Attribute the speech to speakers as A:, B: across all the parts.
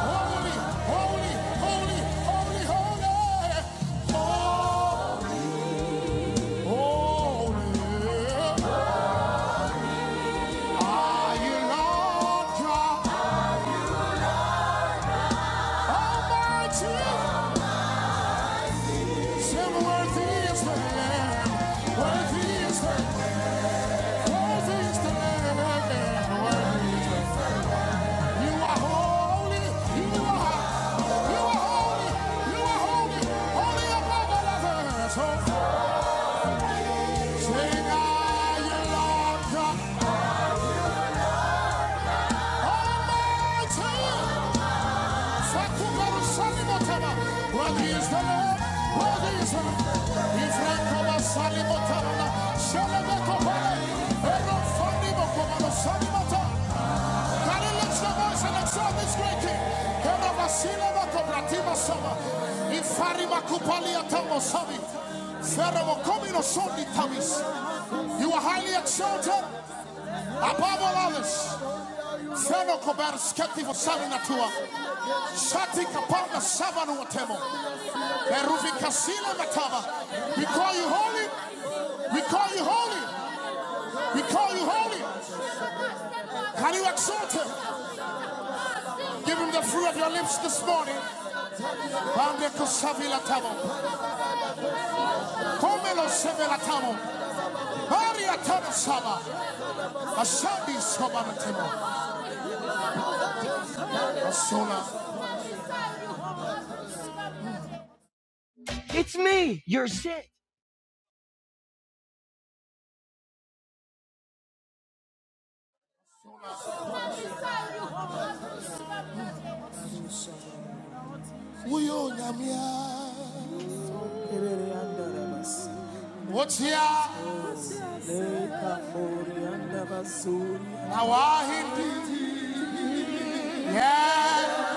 A: Holy, holy, holy, holy, holy, holy, Are you Lord God Almighty? Say, worthy is the worthy is the, worthy is the You are holy, you are, you are holy, you are holy, holy above all others. Sing, Are you Lord God? Worthy is the Lord, worthy is the Lord. Ifrakaba salimotana, shalabakabale, erofandimokobaba salimotana. Can you lift your voice and exalt this great king? Hera vasile vakobratima sama. Ifari makupalia tamo sabi. Fera mokomino sondi tamis. You are highly exalted above all others. Seno kobar sketi vo savina tua. kapanda savanu atemo. Beruvi kasila matava. We call you holy. We call you holy. We call you holy. Can you exalt him? Give him the fruit of your lips this morning. Bande kosavila tamo. Komelo sevela tamo. Maria tamo sava. Asadi sobana temo. Asona. It's me, your shit. Uyo nyamia. Kerere andarabasi, Wotia leka bori andabasuri, na wahindi. Yeah.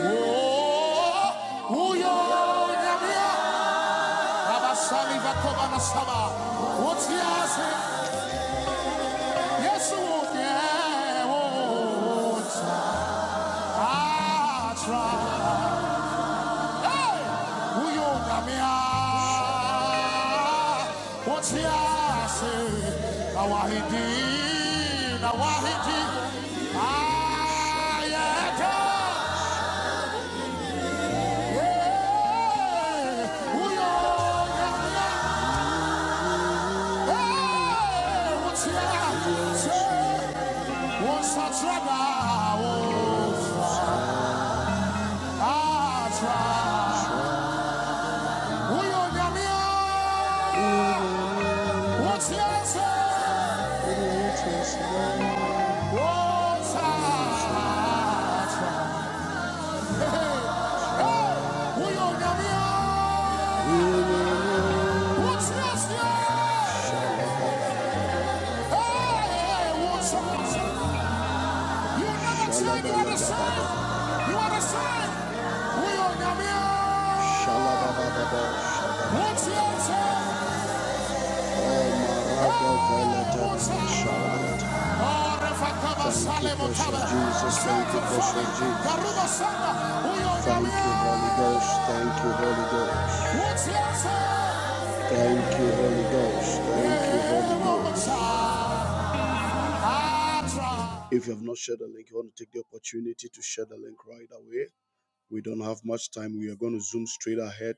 A: Oh, uyo nyamia. Abasali vakoba na saba. Wotia se. Yesu. Yeah. Oh, oh, oh. Ah, try. Uyo nyamia Wotiase Na wahidi Na wahidi Ayete Yeah. Uyo nyamia Hey, Wotiase Wosatrada Wosatra Uyo Shalabababa, shalabababa. Jesus. Thank you, precious Jesus. Thank you, Holy Ghost. Thank you, Holy Ghost. Thank you, Holy Ghost. Thank you, Holy Ghost. If you have not shared the link, you want to take the opportunity to share the link right away. We don't have much time. We are going to zoom straight ahead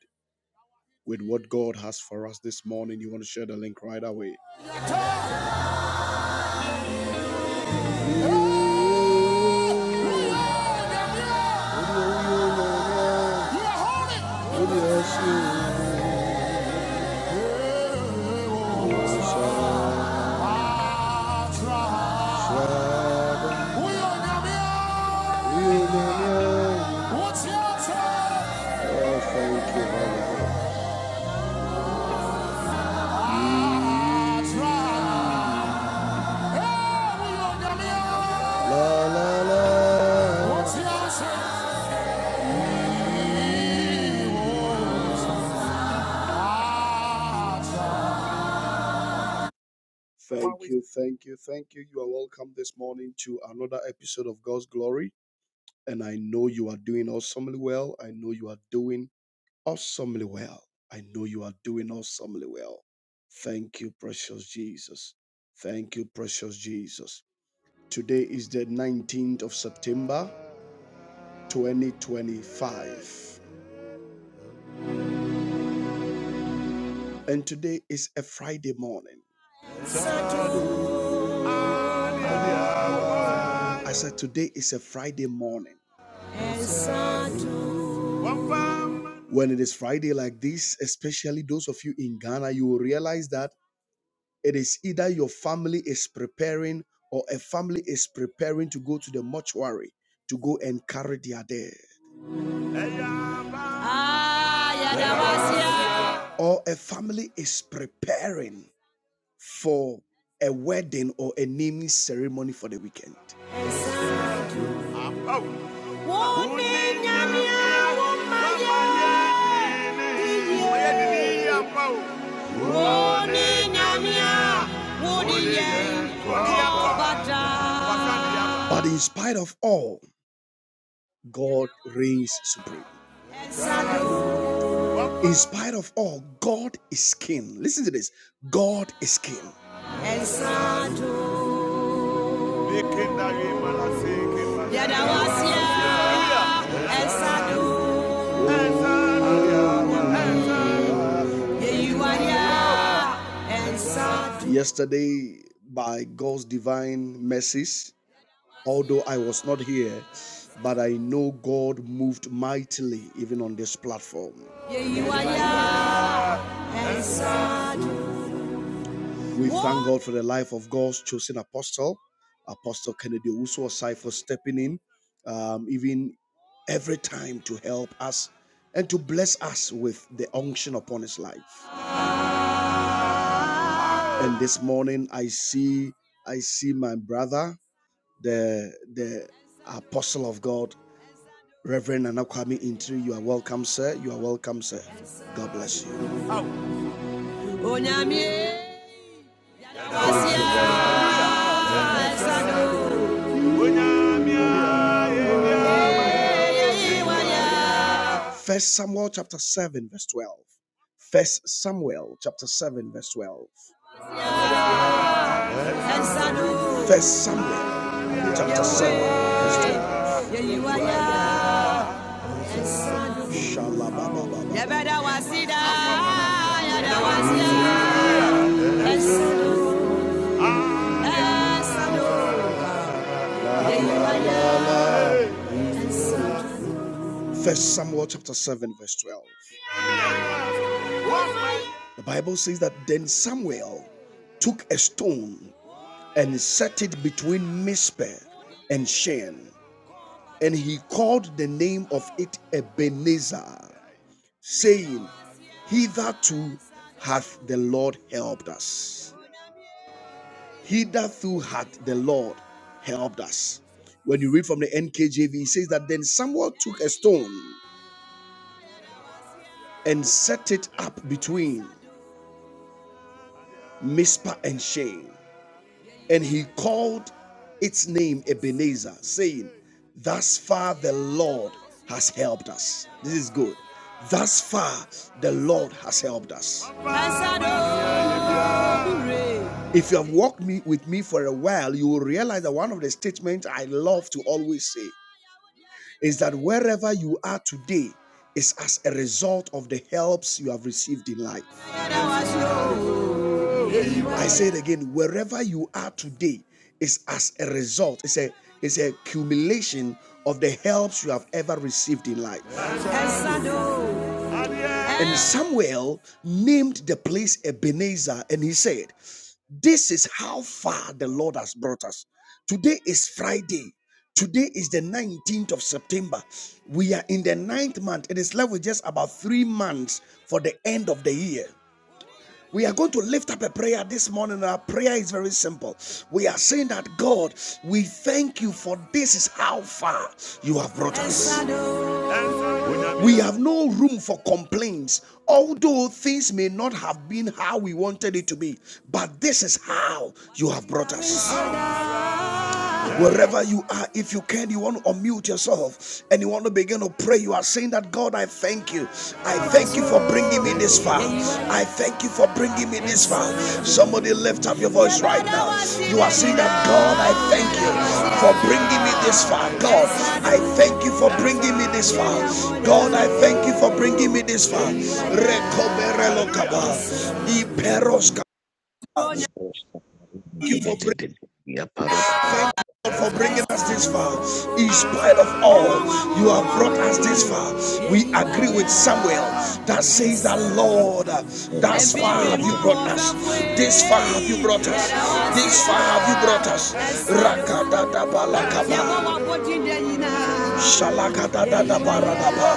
A: with what God has for us this morning. You want to share the link right away. What's your answer? Thank you, thank you, thank you. You are welcome this morning to another episode of God's Glory. And I know you are doing awesomely well. I know you are doing awesomely well. I know you are doing awesomely well. Thank you, precious Jesus. Thank you, precious Jesus. Today is the 19th of September, 2025. And today is a Friday morning. I said, Today is a Friday morning. When it is Friday like this, especially those of you in Ghana, you will realize that it is either your family is preparing or a family is preparing to go to the mortuary to go and carry their dead, or a family is preparing for a wedding or a naming ceremony for the weekend. But in spite of all, God reigns supreme. In spite of all, God is king. Listen to this God is king. Yesterday, by God's divine mercies, although I was not here, but I know God moved mightily even on this platform. We what? thank God for the life of God's chosen apostle, Apostle Kennedy Usuosai, for stepping in, um, even every time to help us and to bless us with the unction upon his life. And this morning, I see, I see my brother, the the apostle of God, Reverend Anakwami Intri. You are welcome, sir. You are welcome, sir. God bless you. First Samuel chapter seven, verse twelve. First Samuel chapter seven, verse twelve. First Samuel chapter 7, verse 12. First Samuel chapter 7, verse 12. The Bible says that then Samuel took a stone and set it between Mizpeh and Shen, and he called the name of it Ebenezer, saying, Hitherto hath the Lord helped us. Hitherto hath the Lord helped us. When you read from the NKJV, it says that then Samuel took a stone and set it up between Mizpah and Shane, and he called its name Ebenezer, saying, Thus far the Lord has helped us. This is good. Thus far the Lord has helped us. If you have walked me with me for a while, you will realize that one of the statements I love to always say is that wherever you are today is as a result of the helps you have received in life. I say it again, wherever you are today is as a result, it's a it's a accumulation of the helps you have ever received in life. And Samuel named the place Ebenezer, and he said, this is how far the Lord has brought us. Today is Friday. Today is the 19th of September. We are in the ninth month. It is left with just about three months for the end of the year. We are going to lift up a prayer this morning. Our prayer is very simple. We are saying that God, we thank you for this is how far you have brought us. We have no room for complaints, although things may not have been how we wanted it to be. But this is how you have brought us. Wherever you are, if you can, you want to unmute yourself and you want to begin to pray. You are saying that God, I thank you. I thank you for bringing me this far. I thank you for bringing me this far. Somebody lift up your voice right now. You are saying that God, I thank you for bringing me this far. God, I thank you for bringing me this far. God, I thank you for bringing me this far. Recoberelokaba, iperoska. Thank you for bringing thank you for bringing us this far.
B: Rapadosa,
A: In spite of all, you have brought us this far. We agree with Samuel that says that, Lord, thus far have you brought us. This far have you brought us. This far have you brought us. Rakadadabalakaba. Shalakadadabaradaba.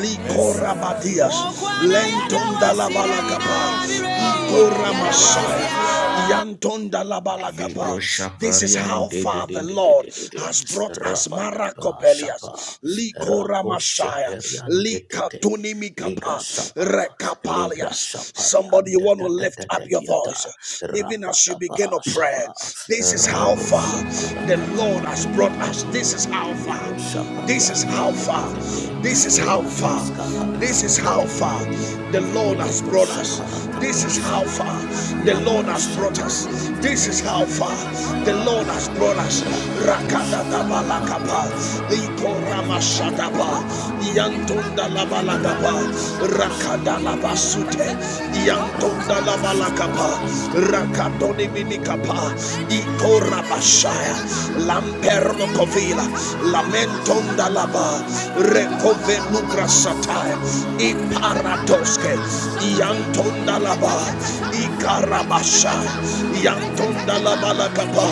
A: Likorabadias. Lentondalabalakapa. Ikoramasaya. Yantondalabalakapa.
B: Libro
A: This is how
B: Shaparian de de
A: far
B: de
A: the
B: de de
A: Lord
B: de de de
A: has brought us.
B: Rabadaba Shapa
A: Marakopelias.
B: Rako
A: Likoramashaya.
B: Sheperian de de de Ligra
A: Likatunimikapa.
B: Shapa Ligra
A: Rekapalias. Somebody
B: Shaparian
A: you
B: de
A: want to
B: de de
A: lift
B: de
A: up
B: de
A: your
B: de
A: voice.
B: da
A: Even as you begin a
B: Rabadaba
A: prayer.
B: Shapa
A: This is how
B: Rako
A: far
B: Shapara
A: the
B: ta ta
A: Lord
B: ta ta
A: has brought
B: ta
A: us. This is Alpha.
B: Libro
A: This is how
B: Shapariante te
A: far.
B: te te te
A: This is how far.
B: Ratos
A: This is
B: Capariante
A: how
B: te te
A: far
B: te te
A: the Lord has
B: Legro
A: brought us. This
B: Shaparatato
A: is how
B: Sapa
A: far the Lord
B: Legra
A: has brought us.
B: shapari
A: This
B: ntele
A: is how far
B: perebedia
A: the Lord has
B: parabadaba
A: brought us.
B: rakato
A: Rakada
B: shapari
A: balakaba,
B: ante te te di di di di di di
A: ikorama
B: ata tete tata
A: Rakadadabalakapa, Ikoramashadaba, Yantondalabalakapa,
B: rapatapa shaparabada
A: Rakadalabasute,
B: kape rapado
A: Yantondalabalakapa,
B: shapari ante te te di di
A: Rakadoniminikapa, Ikorabashaya, Lamperno Kovila, Lamentonda Laba, Rekove Lugra Satire, Iparatoske, Yantonda Laba, Ikarabasha, Yantonda Laba Lakapa.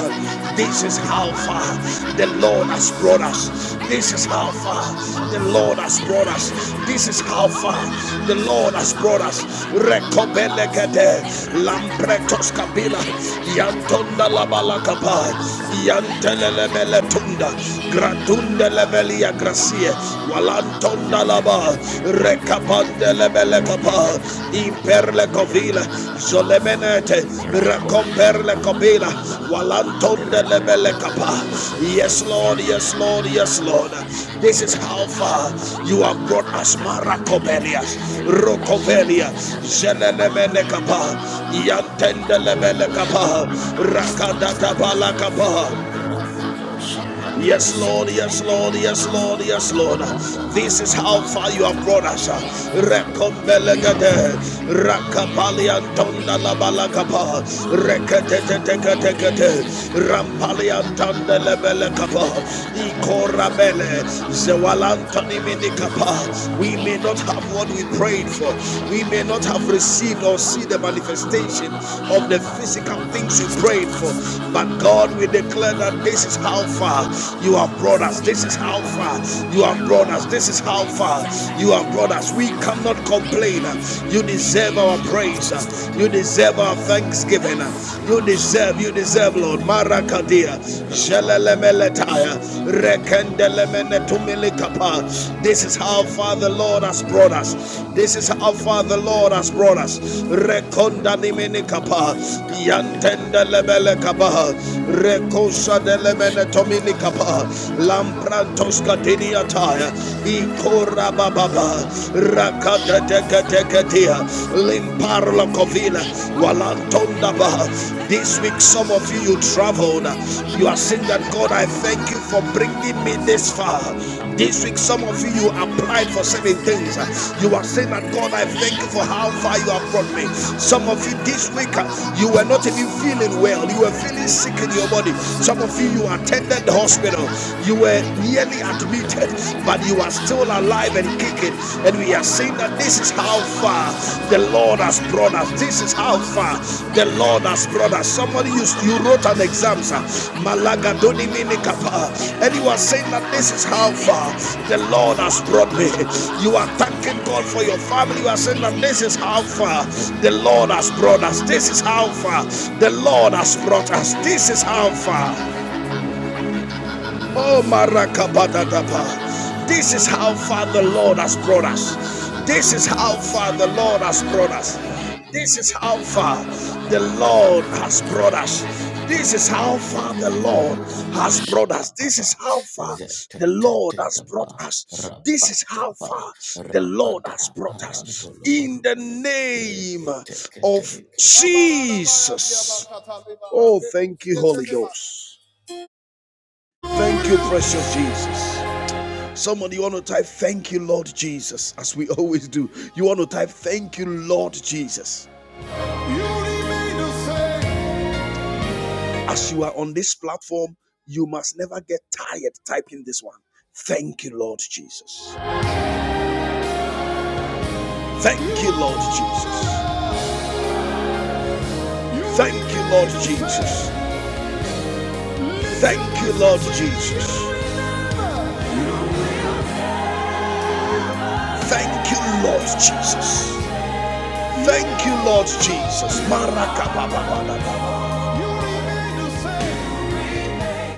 A: This is how far the Lord has brought us. This is how far the Lord
B: tete
A: has brought us. This is how
B: Raparabada
A: far
B: pares
A: the Lord has brought
B: preskete
A: us.
B: kaperia tata tata
A: Rekobelegede,
B: rapata
A: Lampretos
B: pareko
A: Kabila,
B: shapraska tata
A: Yantonda Laba
B: tata
A: Lakapa,
B: rakato
A: Yantelele
B: shapraska
A: lebele tunda
B: parabata
A: gratunda lebele ya
B: Libro
A: gracie
B: Shapai
A: walantonda
B: Zeta
A: laba
B: Tete Tete
A: rekapande
B: Tete
A: lebele kapa
B: Rapata Kapa
A: imperle
B: Sapadia
A: kovila
B: Patakata Kapai
A: zolemenete
B: Rako
A: rakomperle
B: Shapa
A: kovila,
B: Libro Shapa
A: walantonda lebele kapa
B: Repedepediki Pediki
A: yes lord yes
B: Parapata
A: lord
B: Kapada
A: yes lord
B: Kapaya
A: this is how
B: Rado
A: far
B: Shapa
A: you
B: Liga
A: have brought
B: Sete
A: us
B: Tete Tete
A: marakobelias
B: Elikra
A: rokovelia
B: Shapan
A: zelelemene
B: Teleperepedepe
A: kapa yantende lebele
B: Libro
A: kapa
B: Shapara da da da da
A: rakadata
B: da da da da.
A: balakapa
B: Rabado Shapari
A: Yes, Lord,
B: Gresetta
A: yes,
B: di
A: Lord, yes, Lord,
B: Parapatapa.
A: yes, Lord.
B: Rado
A: This is
B: Capa
A: how
B: de
A: far you have
B: Peretetta
A: brought us.
B: diata.
A: Rekombelegade,
B: Rididididididi Capara Cosa
A: rakapaliantanda
B: Prescata Cape.
A: labalakapa,
B: Legra Shaparante de
A: reketeteteketekete,
B: Pedia Patacapa.
A: rampaliantanda
B: Rakatos
A: lebelekapa,
B: Capara Patapadia
A: ikorabele,
B: Patacapadapa.
A: zewalantoni
B: Libro
A: minikapa. We may
B: Shaparian
A: not have what
B: Tete
A: we prayed for.
B: Ligra
A: We may
B: Shapan
A: not have received or
B: Tete
A: see the manifestation
B: Rapa
A: of the
B: Shapa
A: physical
B: Shapa
A: things we prayed for.
B: Lepetekata
A: But God, we
B: Rapa de
A: declare that this is
B: Parian
A: how far far
B: Tete
A: you have brought us. This is
B: Rapa
A: how
B: Rapa da
A: far
B: Para
A: you have brought us. This is how far you have
B: de
A: brought us. We
B: Pirian Tata
A: cannot
B: Data
A: complain. You deserve
B: Recato
A: our praise.
B: Shaparian
A: You deserve our thanksgiving. You
B: Libro
A: deserve, you
B: Shapari
A: deserve,
B: ante
A: Lord.
B: tetiata.
A: Marakadia.
B: Rapadaparo
A: Jelelemeletaya.
B: shaprante tetete.
A: Rekendelemenetumilikapa.
B: Rapadapa
A: This is how far the
B: shaparabadakapa.
A: Lord has brought us.
B: Repeteke
A: This is
B: peri
A: how far the Lord has
B: eperepeteke
A: brought us.
B: periata.
A: Rekondanimenikapa.
B: Rapadakapariata tatiata tatiata la
A: Yantendelebelekaba.
B: parabatapa. Rako
A: Rekosadelemenekapa mene tomini kapa
B: shaparapadapariata.
A: lamprantos
B: Repete
A: katinia
B: peti
A: taya
B: iparabatapa.
A: ikora bababa
B: Rabadokape
A: rakata
B: shapari
A: teke teke
B: ante
A: tia
B: tetiata
A: limparlo
B: Libro
A: kovila
B: Shapariata,
A: walantonda ba
B: Rapa de
A: this week some of
B: Perucapa,
A: you you traveled you are
B: Rakatoska
A: saying that God
B: Preskate
A: I thank you for
B: Katekate,
A: bringing me
B: Rapa
A: this far
B: Dapati
A: this week, some
B: Aparakata
A: of you, you
B: Kaparo
A: applied for certain
B: Shaprante
A: things.
B: Tediata,
A: You are saying that God, I
B: Lekra
A: thank you for how
B: Shaparapa
A: far you have
B: Dapa,
A: brought me. Some of you
B: Leporobo de
A: this week, uh,
B: Borucapa
A: you were not even
B: Padapa.
A: feeling well. You were feeling sick
B: Lipa
A: in your body. Some of you, you
B: shabraskatadariata
A: attended the hospital. You were
B: rapatabarapadaba
A: nearly admitted, but
B: rapatabado
A: you are still
B: shapari
A: alive and kicking.
B: antetete
A: And we are saying that this is
B: rapado
A: how
B: shapari
A: far the
B: antetete
A: Lord has Lord has brought us. This is how far the Lord has
B: zeketeketeketekete
A: brought us. Somebody you, you wrote an exam, sir.
B: rapataparapadaparapadaba
A: Malaga doni mini kapa.
B: rapataparo
A: And you are saying that
B: shakabrati
A: this is how far
B: apadakapaya
A: the Lord has brought me. You are thanking
B: zotetetetetetetete
A: God for your family. You are saying that
B: zantolika
A: this is how
B: praska
A: far the
B: parabadaba
A: Lord has brought us. This is how far the Lord has brought us. This is how far. Oh,
B: rapataparabadaba
A: Marakabadadaba. This is how far the Lord has brought us. This is how far
B: Lebrolo
A: the
B: de
A: Lord has
B: Belic
A: brought us.
B: Perada de
A: This
B: Dieta
A: is how far
B: Rabada
A: the
B: Parabada
A: Lord has brought us.
B: Rabada
A: This is
B: Parabada
A: how far the Lord
B: Rata do
A: has brought us.
B: Shaka
A: This is
B: Para
A: how far the
B: Zete
A: Lord has brought
B: Tekapa
A: us. This is
B: Rabada
A: how
B: Ba
A: far the Lord has
B: Rabada
A: brought us.
B: Parantolo
A: In the
B: Barabada
A: name
B: Rekete
A: of
B: Kete Kete.
A: Jesus. Oh, thank you, Holy Ghost. Thank you, precious Jesus. Somebody, want to type, Thank you, Lord Jesus, as we always do. You want to type, Thank you, Lord Jesus. As you are on this platform, you must never get tired typing this one. Thank you, Lord Jesus. Thank you, Lord Jesus. Thank you, Lord Jesus. Thank you, Lord Jesus. Thank you, Lord Jesus. Thank you, Lord Jesus.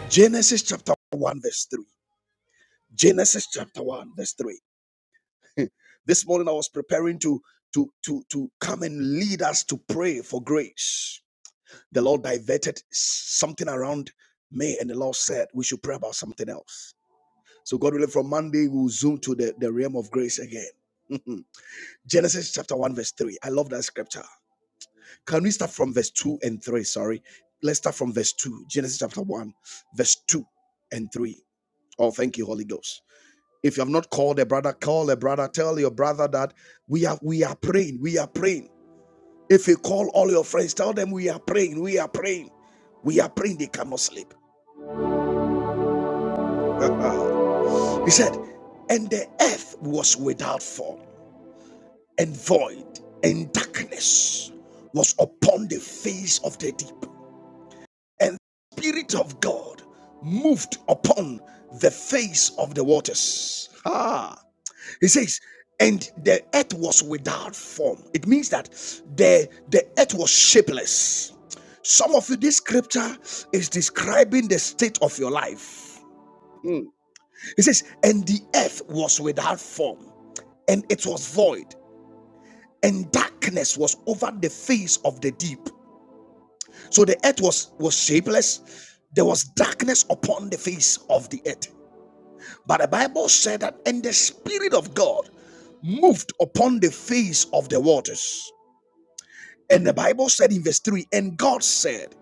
A: Genesis chapter 1, verse 3. Genesis chapter 1, verse 3. This morning I was preparing to to to to come and lead us to pray for grace. The Lord diverted something around me, and the Lord said we should pray about something else. So God willing, from Monday we'll zoom to the, the realm of grace again. Mm-hmm. Genesis chapter 1, verse 3. I love that scripture. Can we start from verse 2 and 3? Sorry. Let's start from verse 2. Genesis chapter 1, verse 2 and 3. Oh, thank you, Holy Ghost. If you have not called a brother, call a brother. Tell your brother that we are we are praying. We are praying. If you call all your friends, tell them we are praying. We are praying. We are praying. They cannot sleep. he said, and the earth was without form and void, and darkness was upon the face of the deep, and the spirit of God moved upon the face of the waters. Ah. It says, and the earth was without form. It means that the, the earth was shapeless. Some of you, this scripture is describing the state of your life. It says, and the earth was without form, and it was void, and darkness was over the face of the deep. So the earth was, was shapeless. There was darkness upon the face of the earth. But the Bible said that, and the Spirit of God moved upon the face of the waters. And the Bible said in verse 3 And God said,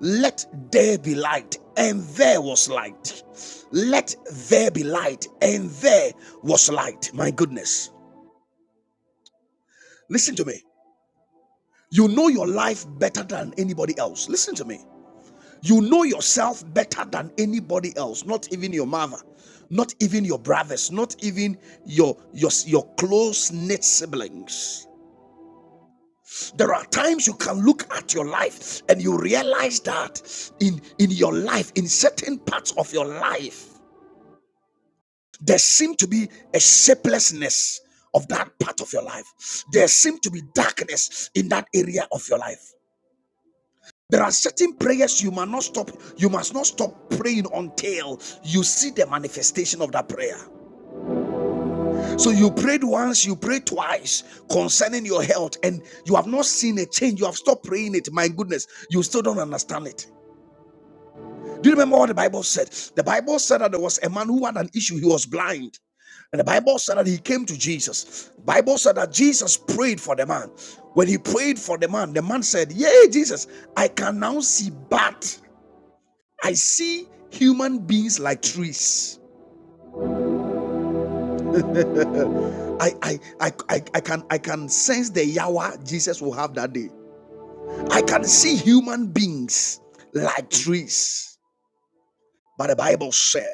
A: Let there be light, and there was light. Let there be light, and there was light. My goodness. Listen to me. You know your life better than anybody else. Listen to me. You know yourself better than anybody else, not even your mother, not even your brothers, not even your, your, your close knit siblings. There are times you can look at your life and you realize that in, in your life, in certain parts of your life, there seem to be a shapelessness of that part of your life. There seem to be darkness in that area of your life. There are certain prayers you must not stop. You must not stop praying until you see the manifestation of that prayer. So you prayed once, you prayed twice concerning your health, and you have not seen a change. You have stopped praying it. My goodness, you still don't understand it. Do you remember what the Bible said? The Bible said that there was a man who had an issue, he was blind. And the Bible said that he came to Jesus. The Bible said that Jesus prayed for the man. When he prayed for the man, the man said, Yay, Jesus, I can now see, but I see human beings like trees. I I I I, I can I can sense the Yahweh Jesus will have that day. I can see human beings like trees. But the Bible said.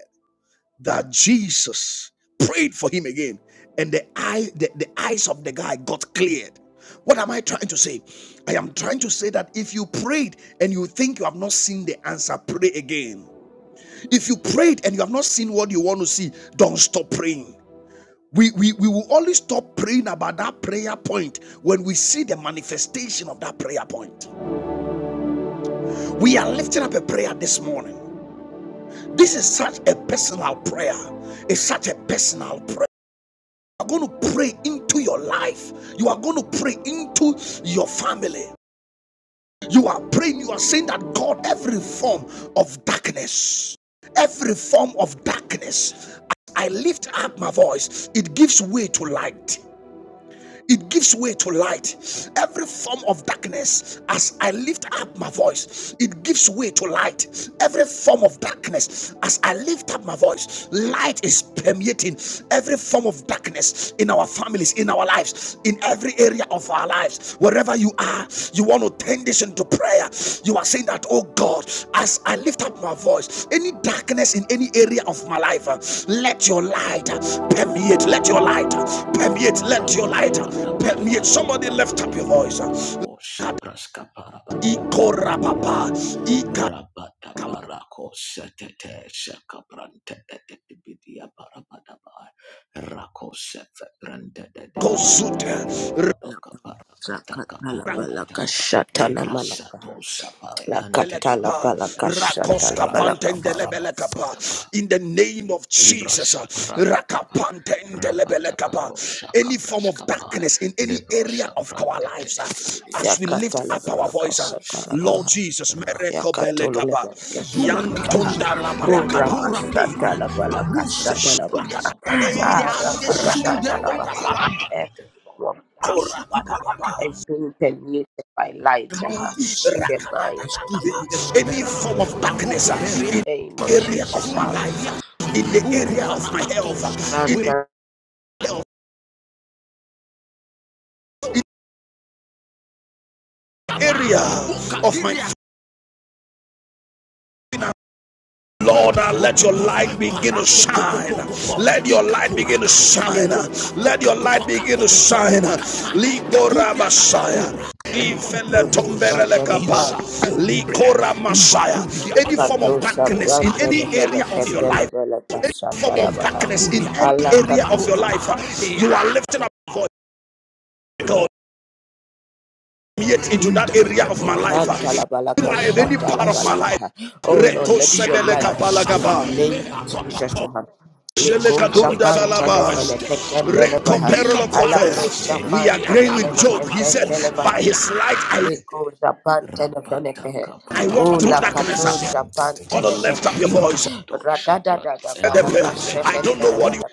A: that Jesus prayed for him again, and the eye, the, the eyes of the guy got cleared. What am I trying to say? I am trying to say that if you prayed and you think you have not seen the answer, pray again. If you prayed and you have not seen what you want to see, don't stop praying. We, we, we will only stop praying about that prayer point when we see the manifestation of that prayer point. We are lifting up a prayer this morning. This is such a personal prayer. It's such a personal prayer. are going to pray into your life. You are going to pray into your family. You are praying, you are saying that God, every form of darkness, every form of darkness, as I lift up my voice, it gives way to light it gives way to light. Every form of darkness, as I lift up my voice, it gives way to light. Every form of darkness, as I lift up my voice, light is permeating every form of darkness in our families, in our lives, in every area of our our lives. Wherever you are, you want to turn this into prayer. You are saying that, oh God, as I lift up my voice, any darkness in any area of my life, uh, let your light uh, permeate, let your light uh, permeate, let your
B: Rabada
A: light uh, permeate.
B: Rabadabadabariante
A: Somebody lift up your voice. uh,
B: dedededidibiracosha prascaparabadia
A: Ikorababa,
B: parabadiataya Rabadabaracosa tete shacabrante dedidibidia parabadaba Racosa febrante dedebe
A: Ikakabakosute,
C: La
B: Libradoca paracata
C: katala
B: caparacata
C: balaka shatana malaka.
B: Legrasato sapare
C: La
B: ante
C: katala katala
B: dedidiata
C: katala
B: Rabadabarabadabadaba
A: In the name of
B: Libra
A: Jesus, uh,
B: Shapa Rapatapa Rapatapa Rosha
A: any form of
B: Kabraskapa
A: darkness in any
B: Libra
A: area of our
B: Shapranta
A: lives, uh,
C: Ya
A: as we lift
C: katala
A: up our
C: balaka
B: Rapa
A: voice, uh,
C: shatala
B: Shapa
A: Lord
C: baha.
A: Jesus,
C: Ya
B: Rapatapa
A: merekobele
C: katolo le
A: kapa.
C: balaka
B: Rakato
C: shatala baha.
B: Shapradika Periante
C: Ura mashatala balaka shatala
B: Rapatapa
C: baha.
B: Rapatapa
C: Araka shatala
B: Rapate
C: baha. Every
B: Paroka
C: form of darkness is being permeated by light uh, in the mind
A: Any form of darkness uh, in the
C: name of
A: area of
C: Jesus.
A: my
C: uh,
A: life, in the area of my health, uh, in
C: Grant us,
A: the area of my Lord, uh, let your light begin to shine. Let your light begin to shine. Let your light begin to shine. Likora Messiah.
C: grant us, grant us, grant us.
A: Likora Messiah. Any form of
C: Kato
A: darkness in
C: Sabranta
A: any area
C: Levele
A: of your life,
C: Ketelevele
A: any
C: Kasata
A: form of
C: Lavaha.
A: darkness in any
C: Allah
A: area of your life, uh, you are lifting up your God, yet into that area of my life, uh,
C: Katanta Lavala
A: any
C: Kasata
A: part of my life.
C: Lavalakaha. Oh Lord, let your
A: Rekosebele
C: light
A: kapala
C: in
A: kapa.
C: the name of Jesus. Aha. Liko
A: Shelekadunda
C: Zapan
A: lalaba.
C: Telefele Keten Delevaha.
A: Rekoperolo
C: Alako
B: Grab,
A: We
C: Zapan
A: agree with
C: Telefele
A: Job. He
C: Keten
A: said, By
C: Delevaha.
A: his
B: rapadabayante,
A: light I,
C: Liko Zapan Telefele Kehe.
A: I
C: Oh
A: walk through
C: La
B: rapatakaparabadado
A: darkness.
C: Kato
A: I
B: shaprante,
C: Zapan
A: want to lift
C: Telefele
A: up your
C: Kehe.
A: voice.
B: rabado
C: Radada
B: shaprante,
C: Balaka
A: I don't know what you,
C: Sheke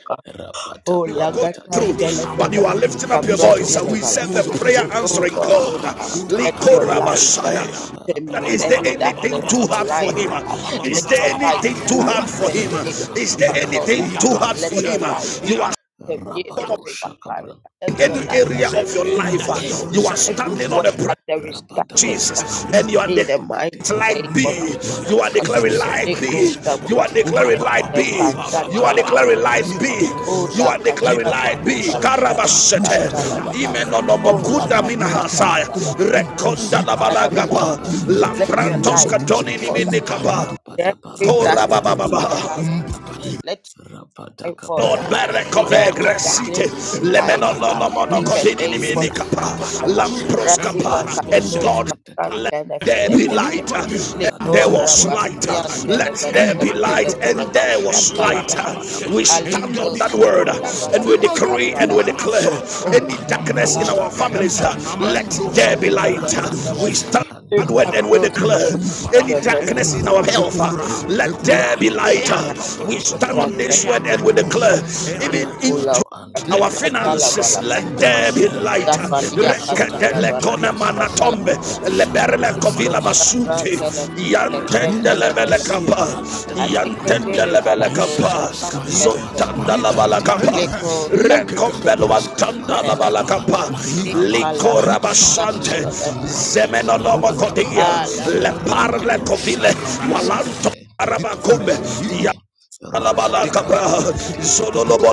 C: Oh,
A: you are going
C: Lagata
A: through,
B: rapataparatata,
A: but
C: Delabella
A: you are lifting up your voice.
C: Caprante de
A: We
B: librante,
A: send the prayer
C: Oh,
A: answering
C: Lord,
A: God.
C: ah, let your light ah,
A: Likorabashaya.
C: permeate
A: Is
B: rapataparabadaparabadaparabadaba,
A: there
C: every
A: anything
C: darkness in
A: too
C: my
A: hard for
C: life.
A: him?
C: ah. Let
A: Is there
C: your
B: rapadabariante,
A: anything
C: light
A: too
C: ah,
A: hard for him?
C: permeate
A: Is
C: into
A: there
C: my health.
A: anything
B: rapataparabadabaruka
C: ah.
A: too hard for
C: Let
A: him?
C: your light
B: preskate,
A: You
C: ah, permeate
A: are
B: rabado
C: into my
B: Shakabran
C: marriage. Let your
A: any
C: light ah,
A: area of your
C: permeate
A: life,
C: ah,
A: uh,
B: Librante te
A: you
B: te
A: are
B: te te te
A: standing on
B: te.
A: the
C: everywhere
A: prayer
C: that
A: of
C: there is
B: Rabada
C: darkness.
B: bari
C: ah,
A: Jesus
B: ante
A: and you are
B: te
C: In
B: te
A: declaring
C: the
B: te te
C: mighty
B: te.
A: Light
C: name of
A: be, you are
B: Rabado
C: Jesus.
A: declaring
B: kabraska
A: light
B: ta
C: Niko
B: ta
A: be,
B: ta
C: Shabra
B: ta
A: you are
B: ta
A: declaring
B: ta.
A: light be, you
B: Rabada
A: are
B: bado
A: declaring light
B: kabraska
A: be,
B: te
C: O
B: kabari
A: you
C: la
A: are
B: ante te
A: declaring
B: te te
C: kashata
A: light be.
C: la
A: Karabashete,
C: kashata la baha.
B: Rapato
C: O
B: capratike
C: la
A: imenonobokuda
B: peria parabada
A: minahasaya,
C: katosha la baha.
B: parabadiata.
A: rekonda
C: Ya
A: la
C: la
B: Rapata
A: balagaba,
B: pari
C: Let your
A: lamprantos
C: light,
A: katoni
B: enskititiata.
C: Father,
A: niminikaba.
B: Rapata
C: every
B: parapata
C: darkness
B: parapata
C: in
A: Korabababa.
C: my
B: parapata pa.
C: life.
B: Rapata
C: I fought
A: Lord
C: her
B: caparapada
C: in
A: Berekove
C: every
B: capariante
A: Gresite
C: darkness in
B: tititi.
C: my life
A: Lemeno
C: her
A: Lomono
B: Rakato
C: in the
A: Kodini
C: name
B: shapraska
C: of
A: Minikapa
C: Jesus
B: takata.
C: her
B: Rapate
C: Razima
A: Lamproskapa and
C: Kato
B: periante
A: God
C: Shakran
B: tititi.
A: there be
C: Tenefeneke
A: light. And
B: Libra da da
A: there
B: da.
C: Likora
A: was light.
C: Bastian
B: Rabada.
A: Let there be
C: Tenefeneke
A: light, and
C: Telepeleka
A: there was
B: Libra
A: light.
B: da
C: Shatalabaha
B: ba da
A: We
B: ba.
A: stand on
C: Alito
A: that
B: Rabada
A: word, and we
C: Shatalabalaka
B: pariante
A: decree and we
C: Shatalabaha
A: declare any
C: Ola
A: darkness in our
B: Rabadabari
A: families,
C: Balabalaka
B: ante te. te
A: let
B: te.
A: there be light.
B: Rakato
A: We
C: Shatalabalaka
A: stand.
B: shapran te te
A: Word and
C: Likato
A: we
B: te te
A: declare
C: Shakran
B: shaprantetetete.
A: any
C: Tenefeneke
A: darkness in our
B: Rabadabaru ante te
A: health,
B: te te
A: let
B: te.
A: there be light.
C: Likato
A: We
B: Rabadabaru
A: stand
B: ante
A: on
B: te
A: this
B: te te
A: word
B: te
A: and we
B: te.
A: declare, even into
B: Rabadabaru
C: Inkula
B: ante
A: our
B: te. te te
C: katala
B: te
A: finances,
B: te.
C: balaka
A: let there be light.
C: zafalia
B: Librada parata
C: katala
A: Rekedele
B: daba
C: balaka
A: kona
C: shatala
A: manatombe,
B: rabado
A: leberele
C: leko
A: kovila
B: shakabraska
C: shapra
A: masuti
B: parabadaba
C: tele
A: yantende
C: tele
A: lebele
C: bele
B: redetetik
A: kapa,
B: parapadaba
A: yantende
C: atiketele
A: lebele
B: rako
C: balako
A: kapa,
C: shapa
B: shapraska
C: tele bele
A: zontanda
B: parabadabari
A: la bala kapa,
C: leko
B: antitititi
C: shapa
A: rekombelo
B: zebraska
A: antanda la
C: tele
A: bala
B: parabadaba
A: kapa,
C: inkala
B: rabadaba
A: likora
C: ya
A: basante,
C: tele bele
B: shapraskata
A: zemeno nomo kodia,
B: rabadaba
C: ala
A: le
C: katele
A: parle
B: rabado
C: leko
A: kovile,
C: shapra tele
A: walanto.
B: shakabraskate
A: Arabakumbe,
B: rebete rabadapari antitititi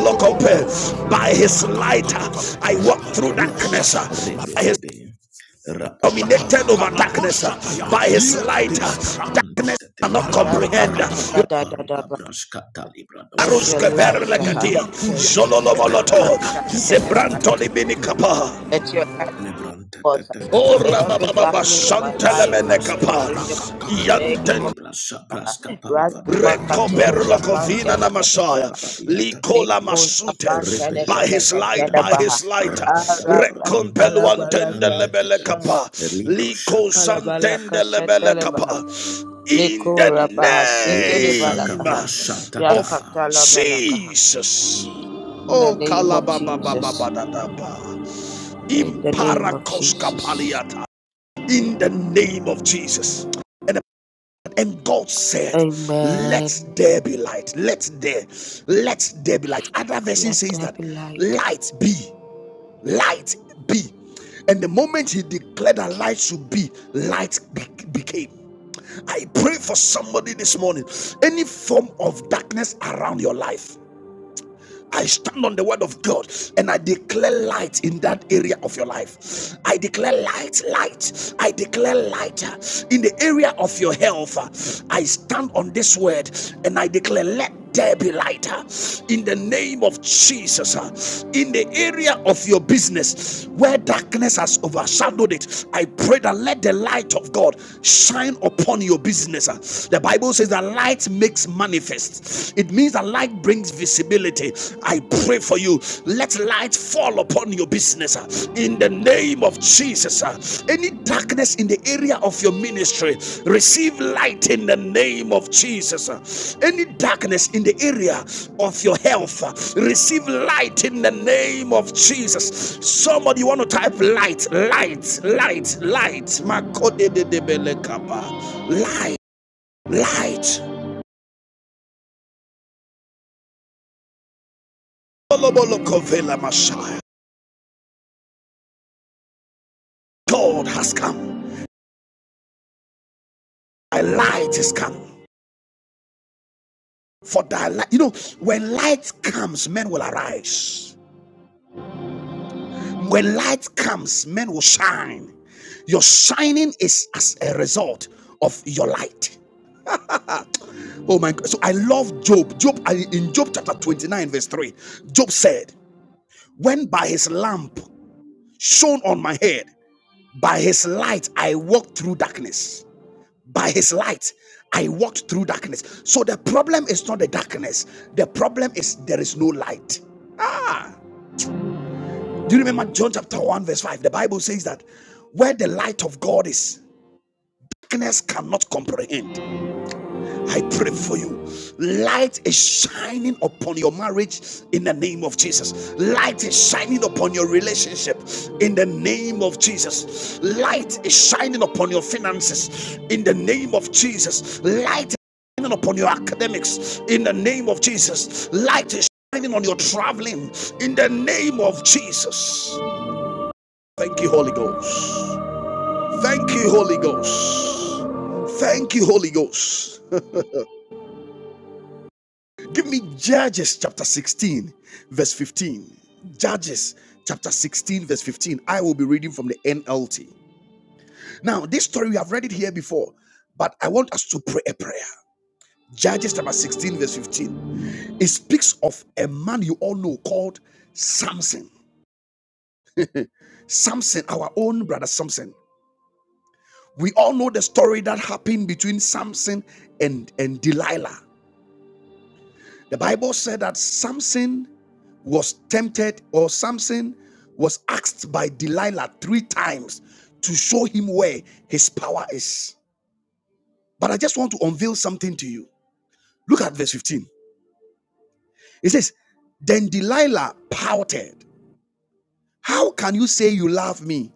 A: by his light, I walk through
B: Rabadaba,
A: darkness. By his
B: rebedebe, rabadaba,
A: dominated
C: balaka
A: over darkness. By
B: rebedo
A: his light,
B: cabras
A: that
B: caprante
A: cannot
B: tetedia,
C: la
A: comprehend.
C: katata
A: Arus
C: da da
B: rabadabaru
C: da da
B: cabras catalibrado
C: let your
A: kever
C: light
B: shacaparante
C: uh,
A: lekatia,
B: tetiada,
C: penetrate every
A: Zololoboloto,
C: dark in my
A: Zebranto
B: grete
A: libinikapa.
C: let your light
B: Lebranta
C: Lord,
A: Oh,
C: in
B: diapaya,
C: every darkness in my
B: rako
C: life, uh,
B: shabraska
C: in the
B: parabadaba,
C: name of
B: lebra shabraska
C: Jesus.
B: parabadaba,
C: Razmakato
A: Recoberlo
C: Japan
A: covina na
C: Televen.
A: Messiah.
B: rabadabarabadabarabadia
A: Likola
C: Meko
B: tatadiata,
A: masute.
C: Japan
A: By
C: Televen
B: repete
A: his light, by
B: keberianta,
C: Ketelebaha.
A: his light.
C: Araka
B: rabadabaranto
A: Recompelo antende
C: Talabalaka
B: kaparianta
A: lebele
B: tata,
C: Shan.
A: kapa.
B: libro
A: Liko
B: shakapa,
A: santende
C: Talabalaka
A: lebele
C: Shetelebaha.
A: kapa. In
C: Leko
A: the
C: Rabaha
B: libro
A: name
C: Setelebalakaha.
B: shakabra
A: of
B: shatata,
C: Yakatalabalaha.
A: Jesus.
C: In the
A: Oh,
C: name of Jesus.
A: kalabababababadadaba.
C: In the name of
A: Imparakos
C: Jesus.
A: kapaliata. In the name of Jesus. And God said, Let
C: Amen.
A: there be light. Let there, let there be light. Other version
C: Let
A: says
C: there
A: that
C: be light.
A: light be, light be. And the moment he declared that light should be, light be- became. I pray for somebody this morning. Any form of darkness around your life, I stand on the word of God and I declare light in that area of your life. I declare light, light. I declare light uh, in the area of your health. uh, I stand on this word and I declare let there be light uh, in the name of Jesus. uh, In the area of your business where darkness has overshadowed it, I pray that let the light of God shine upon your business. uh. The Bible says that light makes manifest it means that light brings visibility. I pray for you. Let light fall upon your business uh, in the name of Jesus. uh. Any darkness in the area of your ministry, receive light in the name of Jesus. uh. Any darkness in the area of your health, uh, receive light in the name of Jesus. Somebody you want to type light, light, light, light. Makodedebelekapa. Light, light. God has come. Thy light is come. For thy light, you know, when light comes, men will arise. When light comes, men will shine. Your shining is as a result of your light. Oh my God. So I love Job. Job, in Job chapter 29, verse 3, Job said, When by his lamp shone on my head, by his light I walked through darkness. by his light i walked through darkness so the problem is not the darkness the problem is there is no light do you remember john chapter 1 verse 5 the bible says that where the light of god is darkness cannot comprehend I pray for you. Light is shining upon your marriage in the name of Jesus. Light is shining upon your relationship in the name of Jesus. Light is shining upon your finances in the name of Jesus. Light is shining upon your academics in the name of Jesus. Light is shining on your traveling in the name of Jesus. Thank you, Holy Ghost. Thank you, Holy Ghost. Thank you, Holy Ghost. Give me Judges chapter 16, verse 15. Judges chapter 16, verse 15. I will be reading from the NLT. Now, this story, we have read it here before, but I want us to pray a prayer. Judges chapter 16, verse 15. It speaks of a man you all know called Samson. Samson, our own brother Samson. We all know the story that happened between Samson and, and Delilah. The Bible said that Samson was tempted, or Samson was asked by Delilah three times to show him where his power is. But I just want to unveil something to you. Look at verse 15. It says, Then Delilah pouted, How can you say you love me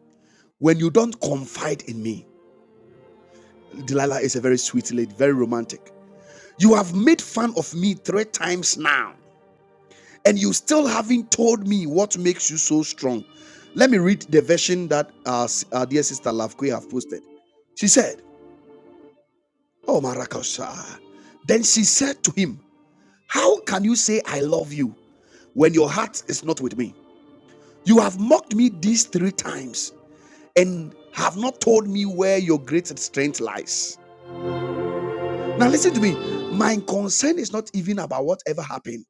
A: when you don't confide in me? Delilah is a very sweet lady, very romantic. You have made fun of me three times now, and you still haven't told me what makes you so strong. Let me read the version that our, our dear sister Lavque have posted. She said, "Oh Marakosa." Then she said to him, "How can you say I love you when your heart is not with me? You have mocked me these three times and have not told me where your great strength lies." Now listen to me. My concern is not even about whatever happened.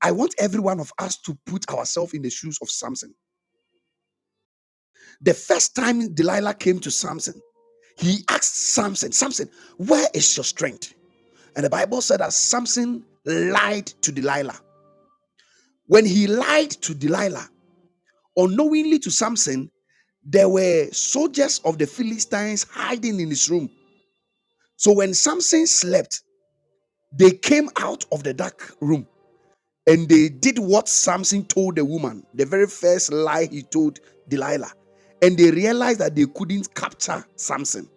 A: I want every one of us to put ourselves in the shoes of Samson. The first time Delilah came to Samson, he asked Samson, Samson, where is your strength? And the Bible said that Samson lied to Delilah. When he lied to Delilah, unknowingly to Samson, there were soldiers of the Philistines hiding in his room. So when Samson slept, they came out of the dark room and they did what Samson told the woman, the very first lie he told Delilah. And they realized that they couldn't capture Samson.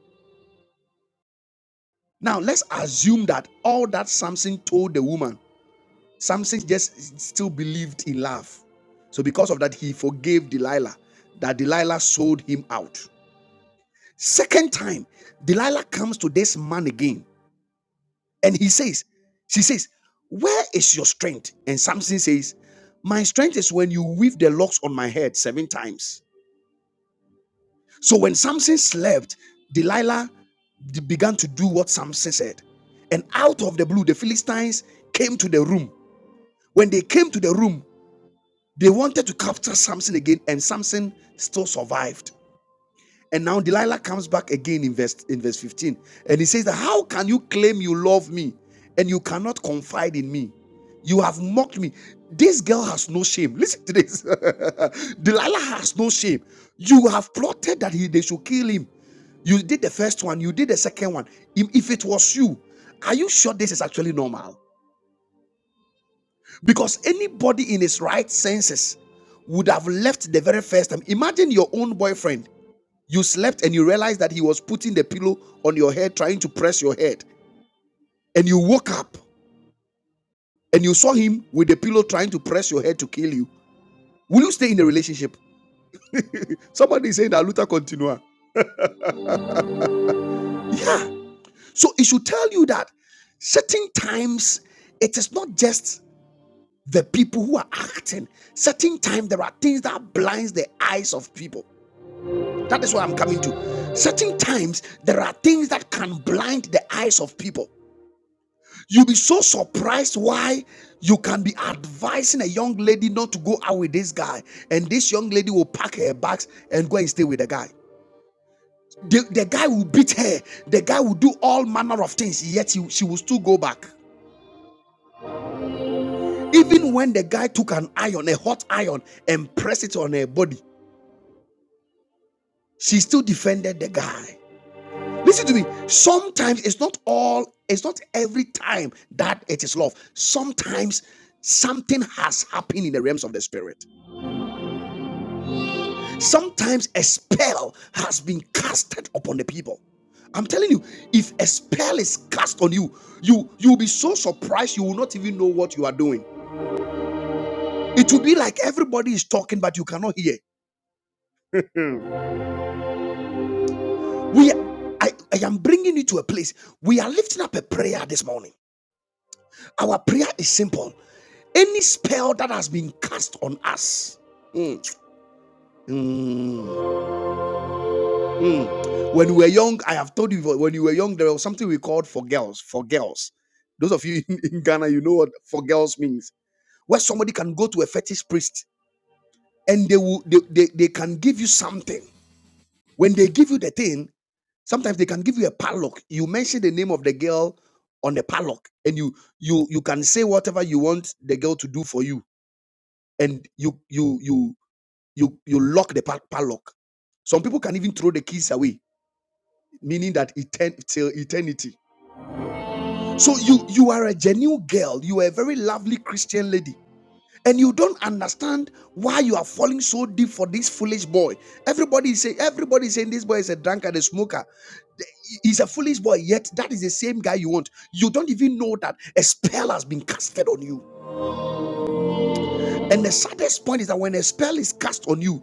A: Now let's assume that all that Samson told the woman, Samson just still believed in love. So because of that, he forgave Delilah, that Delilah sold him out. Second time, Delilah comes to this man again, and he says, She says, Where is your strength? And Samson says, My strength is when you weave the locks on my head seven times. So when Samson slept, Delilah began to do what Samson said. And out of the blue, the Philistines came to the room. When they came to the room, they wanted to capture Samson again, and Samson still survived. And now Delilah comes back again in verse, in verse 15. And he says that how can you claim you love me and you cannot confide in me? You have mocked me. This girl has no shame. Listen to this. Delilah has no shame. You have plotted that he, they should kill him. You did the first one, you did the second one. If if it was you, are you sure this is actually normal? Because anybody in his right senses would have left the very first time. Imagine your own boyfriend you slept and you realized that he was putting the pillow on your head, trying to press your head. And you woke up and you saw him with the pillow trying to press your head to kill you. Will you stay in a relationship? Somebody is saying that Luther continua. Yeah. So it should tell you that certain times it is not just the people who are acting. Certain times there are things that blinds the eyes of people. That is what I'm coming to. Certain times there are things that can blind the eyes of people. You'll be so surprised why you can be advising a young lady not to go out with this guy, and this young lady will pack her bags and go and stay with the guy. The, the guy will beat her, the guy will do all manner of things, yet she, she will still go back. Even when the guy took an iron, a hot iron, and pressed it on her body, she still defended the guy. Listen to me. Sometimes it's not all, it's not every time that it is love. Sometimes something has happened in the realms of the spirit. Sometimes a spell has been casted upon the people. I'm telling you, if a spell is cast on you, you you'll be so surprised you will not even know what you are doing. It will be like everybody is talking but you cannot hear. Mm. We I, I am bringing you to a place. We are lifting up a prayer this morning. Our prayer is simple. Any spell that has been cast on us, mm, Mm. Mm. When we were young, I have told you when you were young, there was something we called for girls. For girls, those of you in, in Ghana, you know what for girls means. Where somebody can go to a fetish priest and they will they, they, they can give you something. When they give you the thing, sometimes they can give you a padlock. You mention the name of the girl on the padlock, and you you you can say whatever you want the girl to do for you, and you you you you you lock the pa- padlock. Some people can even throw the keys away, meaning that etern- till eternity. So you you are a genuine girl, you are a very lovely Christian lady, and you don't understand why you are falling so deep for this foolish boy. Everybody is saying everybody is saying this boy is a drunkard, a smoker. He's a foolish boy, yet that is the same guy you want. You don't even know that a spell has been casted on you. And the saddest point is that when a spell is cast on you,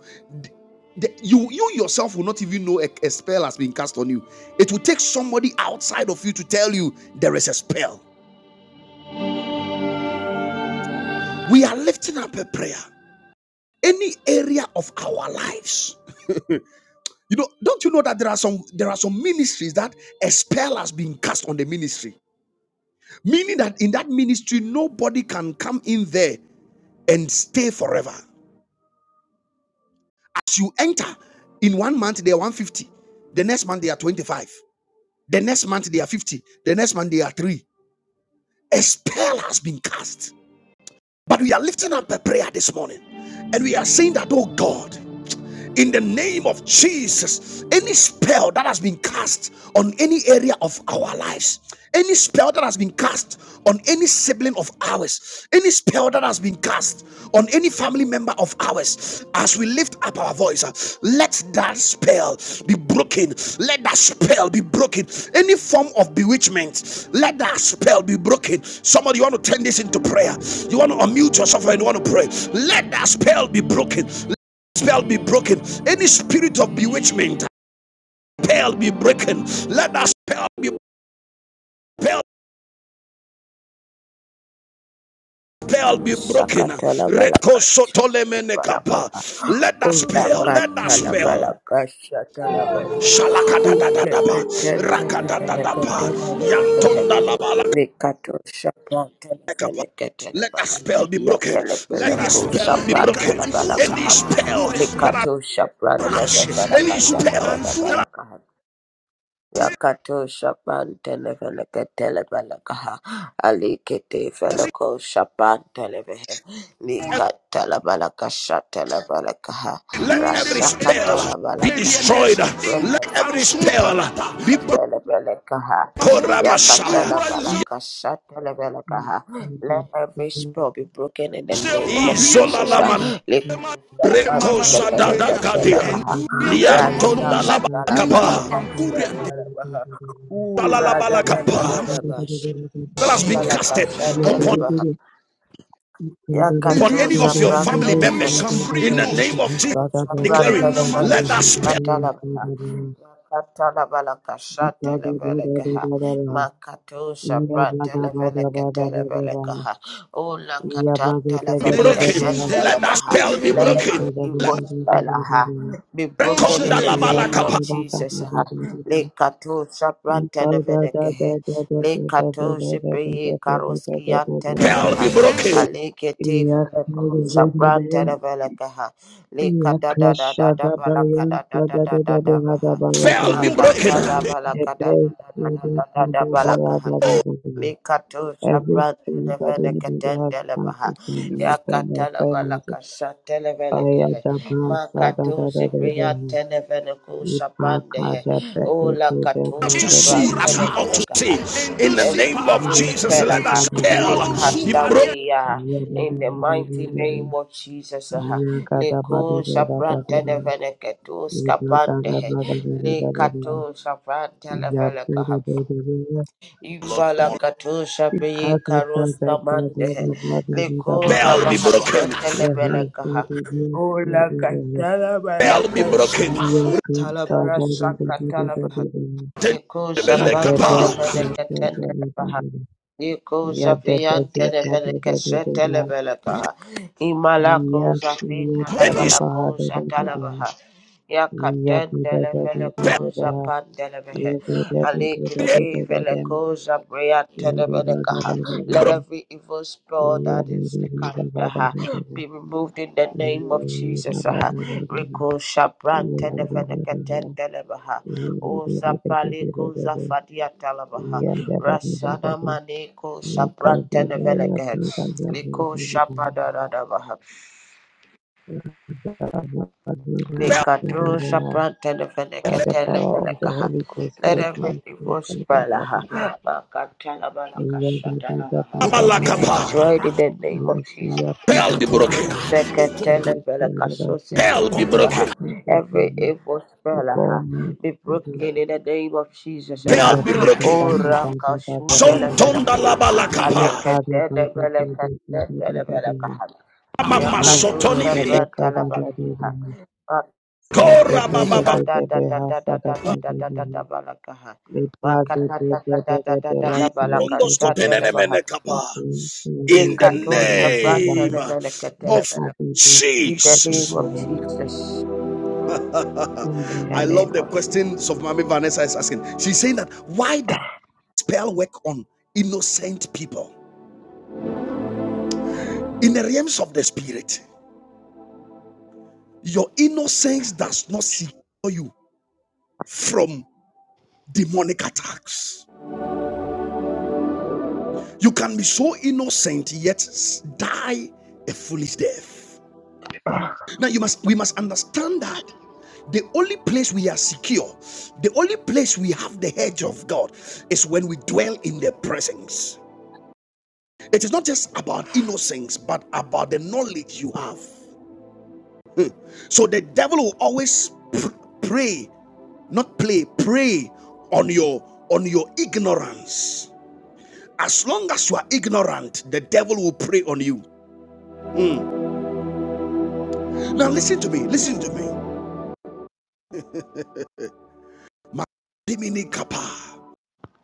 A: the, you you yourself will not even know a, a spell has been cast on you. It will take somebody outside of you to tell you there is a spell. We are lifting up a prayer. any area of our lives. You know, don't you know that there are some there are some ministries that a spell has been cast on the ministry, meaning that in that ministry nobody can come in there and stay forever. As you enter, in one month they are 150, the next month they are 25, the next month they are 50, the next month they are three. A spell has been cast, but we are lifting up a prayer this morning, and we are saying that, oh God. in the name of Jesus. Any spell that has been cast on any area of our lives, any spell that has been cast on any sibling of ours, any spell that has been cast on any family member of ours, as we lift up our voice, uh, let that spell be broken. Let that spell be broken. Any form of bewitchment, let that spell be broken. Somebody, you want to turn this into prayer. You want to unmute yourself and you want to pray. Let that spell be broken spell be broken. Any spirit of bewitchment, spell be broken. Let that spell be spell, spell be
C: balaka,
A: broken.
C: balaka. balaka, balaka. balaka.
A: Let that
C: Ola
A: spell, let that
C: katala
A: spell.
C: balaka, sakatala balaka, Ule ketele lele ketele lele ketele lekato sapata lele ketele
A: Let that spell be broken. Let that
C: Shakatalabalaka
A: spell be broken. Any
C: Shatalabalaha Ulakatalabalaka Shatalabaha
A: spell
C: Ulakatanalabalaka
A: that has
C: Likato Shapatanalabalaka Yatelepeleko
A: any
C: Shapatanalabalaka
A: spell
C: Likato
A: that I
C: balaka. Yakato Shapan Televeleka Televelekaha Ali Kete Felako Shapan Televehe Nika Televeleka Shatelevelekaha
A: Let every
C: Rashaka
A: spell be
C: Televelekaha
A: destroyed. Let every
C: Remeskiya
A: spell be
C: Televeleka Televelekaha
A: broken, Messiah.
C: Yakateleveleka
D: Yeah,
C: Shatelevelekaha Let every spell be broken in the name of
A: Izola
C: Jesus.
A: lama
C: Liku Shapan
A: reko sadada
C: Televeleka
A: kadia.
C: Telebaha
A: Yantonda laba kapa.
C: Rasakatalabalakashatalabaha.
A: Shala
C: Ura
A: laba
C: da da da da da ba.
A: That has been casted upon,
C: Shikitipalakashatalabaha.
A: upon
C: Yakato
A: any of your family
C: shaprantene
A: members.
C: feneka.
A: In the name of
C: Let
A: Jesus,
C: every
A: declaring, let that spell be broken. Let that spell be broken. Let
C: evil spell ah, be
A: that
C: broken in
D: Every
C: the
D: stream
C: name of
D: that
C: Jesus. ah. Lekato Shapra Tenevenekehe. Lekato Shipeye Karoski
A: Spell be
C: Antenevaha.
A: broken.
C: Alekete Veleko Shapra Likata da da da da balakada da da da da da baha.
A: spell be broken.
C: Makatala balakada da da da da da da balakaha. Mikatu Shaprat Televele
D: anybody
C: Keten
D: has
C: Televaha
D: cancelled to me for my
C: Yakatalavala
D: finances,
C: Kasha
D: I
C: Televele
D: am
C: Kehe
D: the brand, da da
C: Makatu
D: da da
C: Zipriya
D: da.
C: Tenevele
D: If I
C: Kushapan
D: can't
C: Dehe
D: get back to
C: Ula Katu
A: Us
D: the
A: to
C: Shapran
A: see as we
D: devil,
A: ought
C: Tenevele
A: to see.
C: Kaha
A: In
C: Let
A: the
C: every
A: name of
D: Yeah,
C: evil
A: Jesus,
C: spell
A: let
C: aha,
A: us
C: be
A: spell
C: cast
A: be broken.
C: away aha, in the mighty name of Jesus aha. Leku Shapran Tenevele Ketu Skapan Dehe Lekatu Shapran Televele Kaha Ibalakatusha peyi karuska mande. Likura
A: Spell be broken.
C: bahasete levelekaha. Ula katala
A: Spell be
C: balaka
A: broken.
C: tala barasaka tala baha. Ikusha pante nefene ketende baha. Iko Zafiyan Telebeleke Setelebeleka
D: Iya,
C: Imalako Zafin
D: iya,
A: Any
D: kada
C: Talabalako
D: bahada bahada.
C: Zatalabaha
D: Iya,
C: Yakaten
D: bida bida
A: spell
D: bida
C: Deleveleko
D: bah.
C: Zapan Delevehe
D: Iya, kada bida
C: Aliki
D: bida bida bah.
C: Veleko Zabriyan
D: Iya, bida bida
C: Telebeleka
D: bida bah.
C: Let
A: broken.
C: every evil spell
D: Iya,
C: that is
D: bida bida bahada bahada. Iya, bida
C: after
D: bahada
C: her
D: bahada.
C: be removed in the
D: Iya,
C: name of
D: bida bida
C: Jesus.
D: bah.
C: Riko Shabran
D: Iya, bida
C: Televeleke Tendelebaha O
D: bida bida bida
C: Zapaliko
D: bah.
C: Zafadia Talabaha
D: Iya, bida bida bida
C: Rasana
D: bah.
C: maneko
D: Kalau
C: shaprantene
D: bida ya
C: veleke.
D: tentang bida bida
C: Liko
D: bah.
C: shapadadadabaha.
D: Iya,
A: Spell
D: bida bida
C: Likatru
D: bida bah.
C: shaprantene
D: by
C: veleke
D: the
C: tele
D: power of the
C: velekaha.
D: Holy Ghost,
C: Let
D: let my
C: every
D: sin
C: evil
D: content
C: spell aha,
D: pardon them.
C: makatala balaka
D: In your name,
C: shatala
D: that
C: baha,
D: my God, my
C: be
D: God, my God.
C: destroyed in the name
D: In
C: of
D: our
C: Jesus.
D: sea, up, my God,
A: be
D: my God, my
A: broken.
D: God. In his name, God, I say,
A: Spell be
D: come to me,
C: Shekatelebelekashosekelebaha.
A: broken.
D: come to me, to
C: Every
D: me.
C: evil spell
D: Before
C: aha,
D: me,
C: be
D: in his
C: broken in the name of Jesus.
D: name,
A: Spell
C: aha.
D: yeah,
A: be
D: my God,
A: broken.
D: my
C: Oh,
D: God, my God, my God, my
A: Son
D: God.
A: tonda la
C: Rakashutelebelekaha.
D: Yeah,
A: balakapa.
D: God, my God, my God, my God, my God, my God.
C: Aleketelebelekasetelebelekaha.
D: Yeah,
A: Mama
D: my Father,
A: sotoni
D: my
A: lili.
D: God, my God, my
C: Yakatoshapratalabakaha.
D: God. Father,
A: Kora
D: my God, my
A: baba
D: God, my God, my
C: Makadadadadadadadadadadadadabakaha.
D: Le ba de de de de de de la sia de de de.
C: Makatadadadadadadadadabakashatelebaha.
D: Le ba de de
A: In the
D: de de la ba ba.
A: name
D: Le
A: of
D: ba
C: Yekatoshapratelebelekatelebele.
D: de de de
C: In the
D: ka de de
C: name
A: Jesus.
C: of
D: ho.
C: Jesus.
D: Le de
C: in the
A: I
C: name
A: love the
C: of Jesus.
A: questions of Mommy Vanessa is asking. She's saying that why does spell work on innocent people? In the realms of the spirit, your innocence does not secure you from demonic attacks. You can be so innocent yet die a foolish death. Now you must we must understand that the only place we are secure, the only place we have the hedge of God is when we dwell in the presence. It is not just about innocence, but about the knowledge you have. So the devil will always pray, not play, pray on your on your ignorance. As long as you are ignorant, the devil will prey on you. Mm. Now listen to me, listen to me.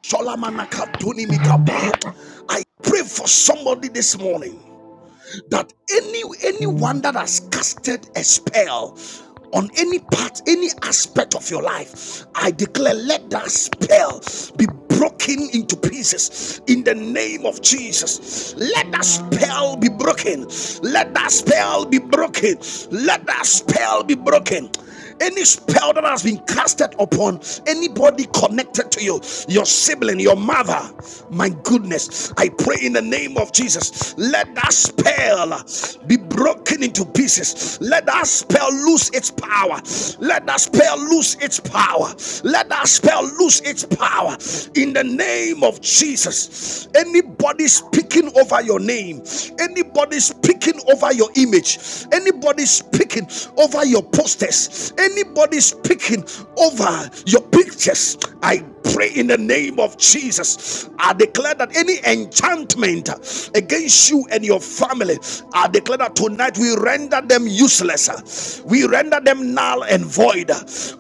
A: Sholamanakatunimikapa. I pray for somebody this morning that any anyone that has
C: Amen.
A: casted a spell on any part, any aspect of your life, I declare let that spell be broken into pieces in the name of Jesus. Let that spell be broken. Let that spell be broken. Let that spell be broken any spell that has been casted upon anybody connected to you, your sibling, your mother, my goodness, I pray in the name of Jesus, let that spell be broken into pieces. Let that spell lose its power. Let that spell lose its power. Let that spell lose its power in the name of Jesus. Anybody speaking over your name, anybody speaking over your your image, anybody speaking over your posters, anybody speaking over your pictures, I pray in the name of Jesus. I declare that any enchantment against you and your family, I declare that tonight we render them useless. We render them null and void.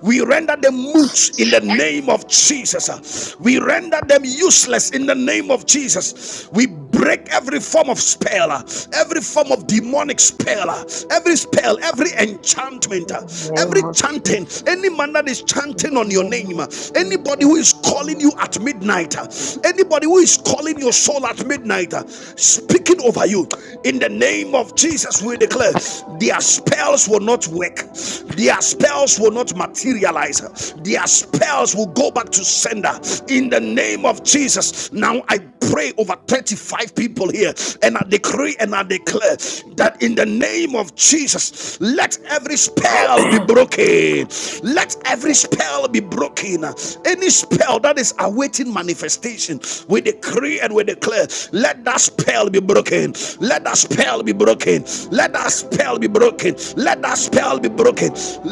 A: We render them moot in the name of Jesus. We render them useless in the name of Jesus. We. We break every form of spell, uh, every form of demonic spell, uh, every spell, every enchantment,
C: In
A: uh,
C: the
A: every
C: name of
A: chanting,
C: Jesus.
A: any man that is
C: In
A: chanting
C: the
A: on your
C: name
A: name,
C: of
A: uh, anybody who
C: Jesus.
A: is
C: In the
A: calling
C: name
A: you at
C: of
A: midnight, uh, anybody who is calling your soul at midnight, uh, speaking over you, in the name of Jesus, we declare their spells will not work, their spells will not materialize, their spells will go back to sender in the name of Jesus. Now I pray over 35 people here and I decree and I declare that in the name of Jesus, let every spell be broken.
C: God.
A: Let every spell be broken. Any spell that is awaiting manifestation, we decree and we declare, let that spell be broken. Let that spell be broken. Let that spell be broken. Let that spell be broken.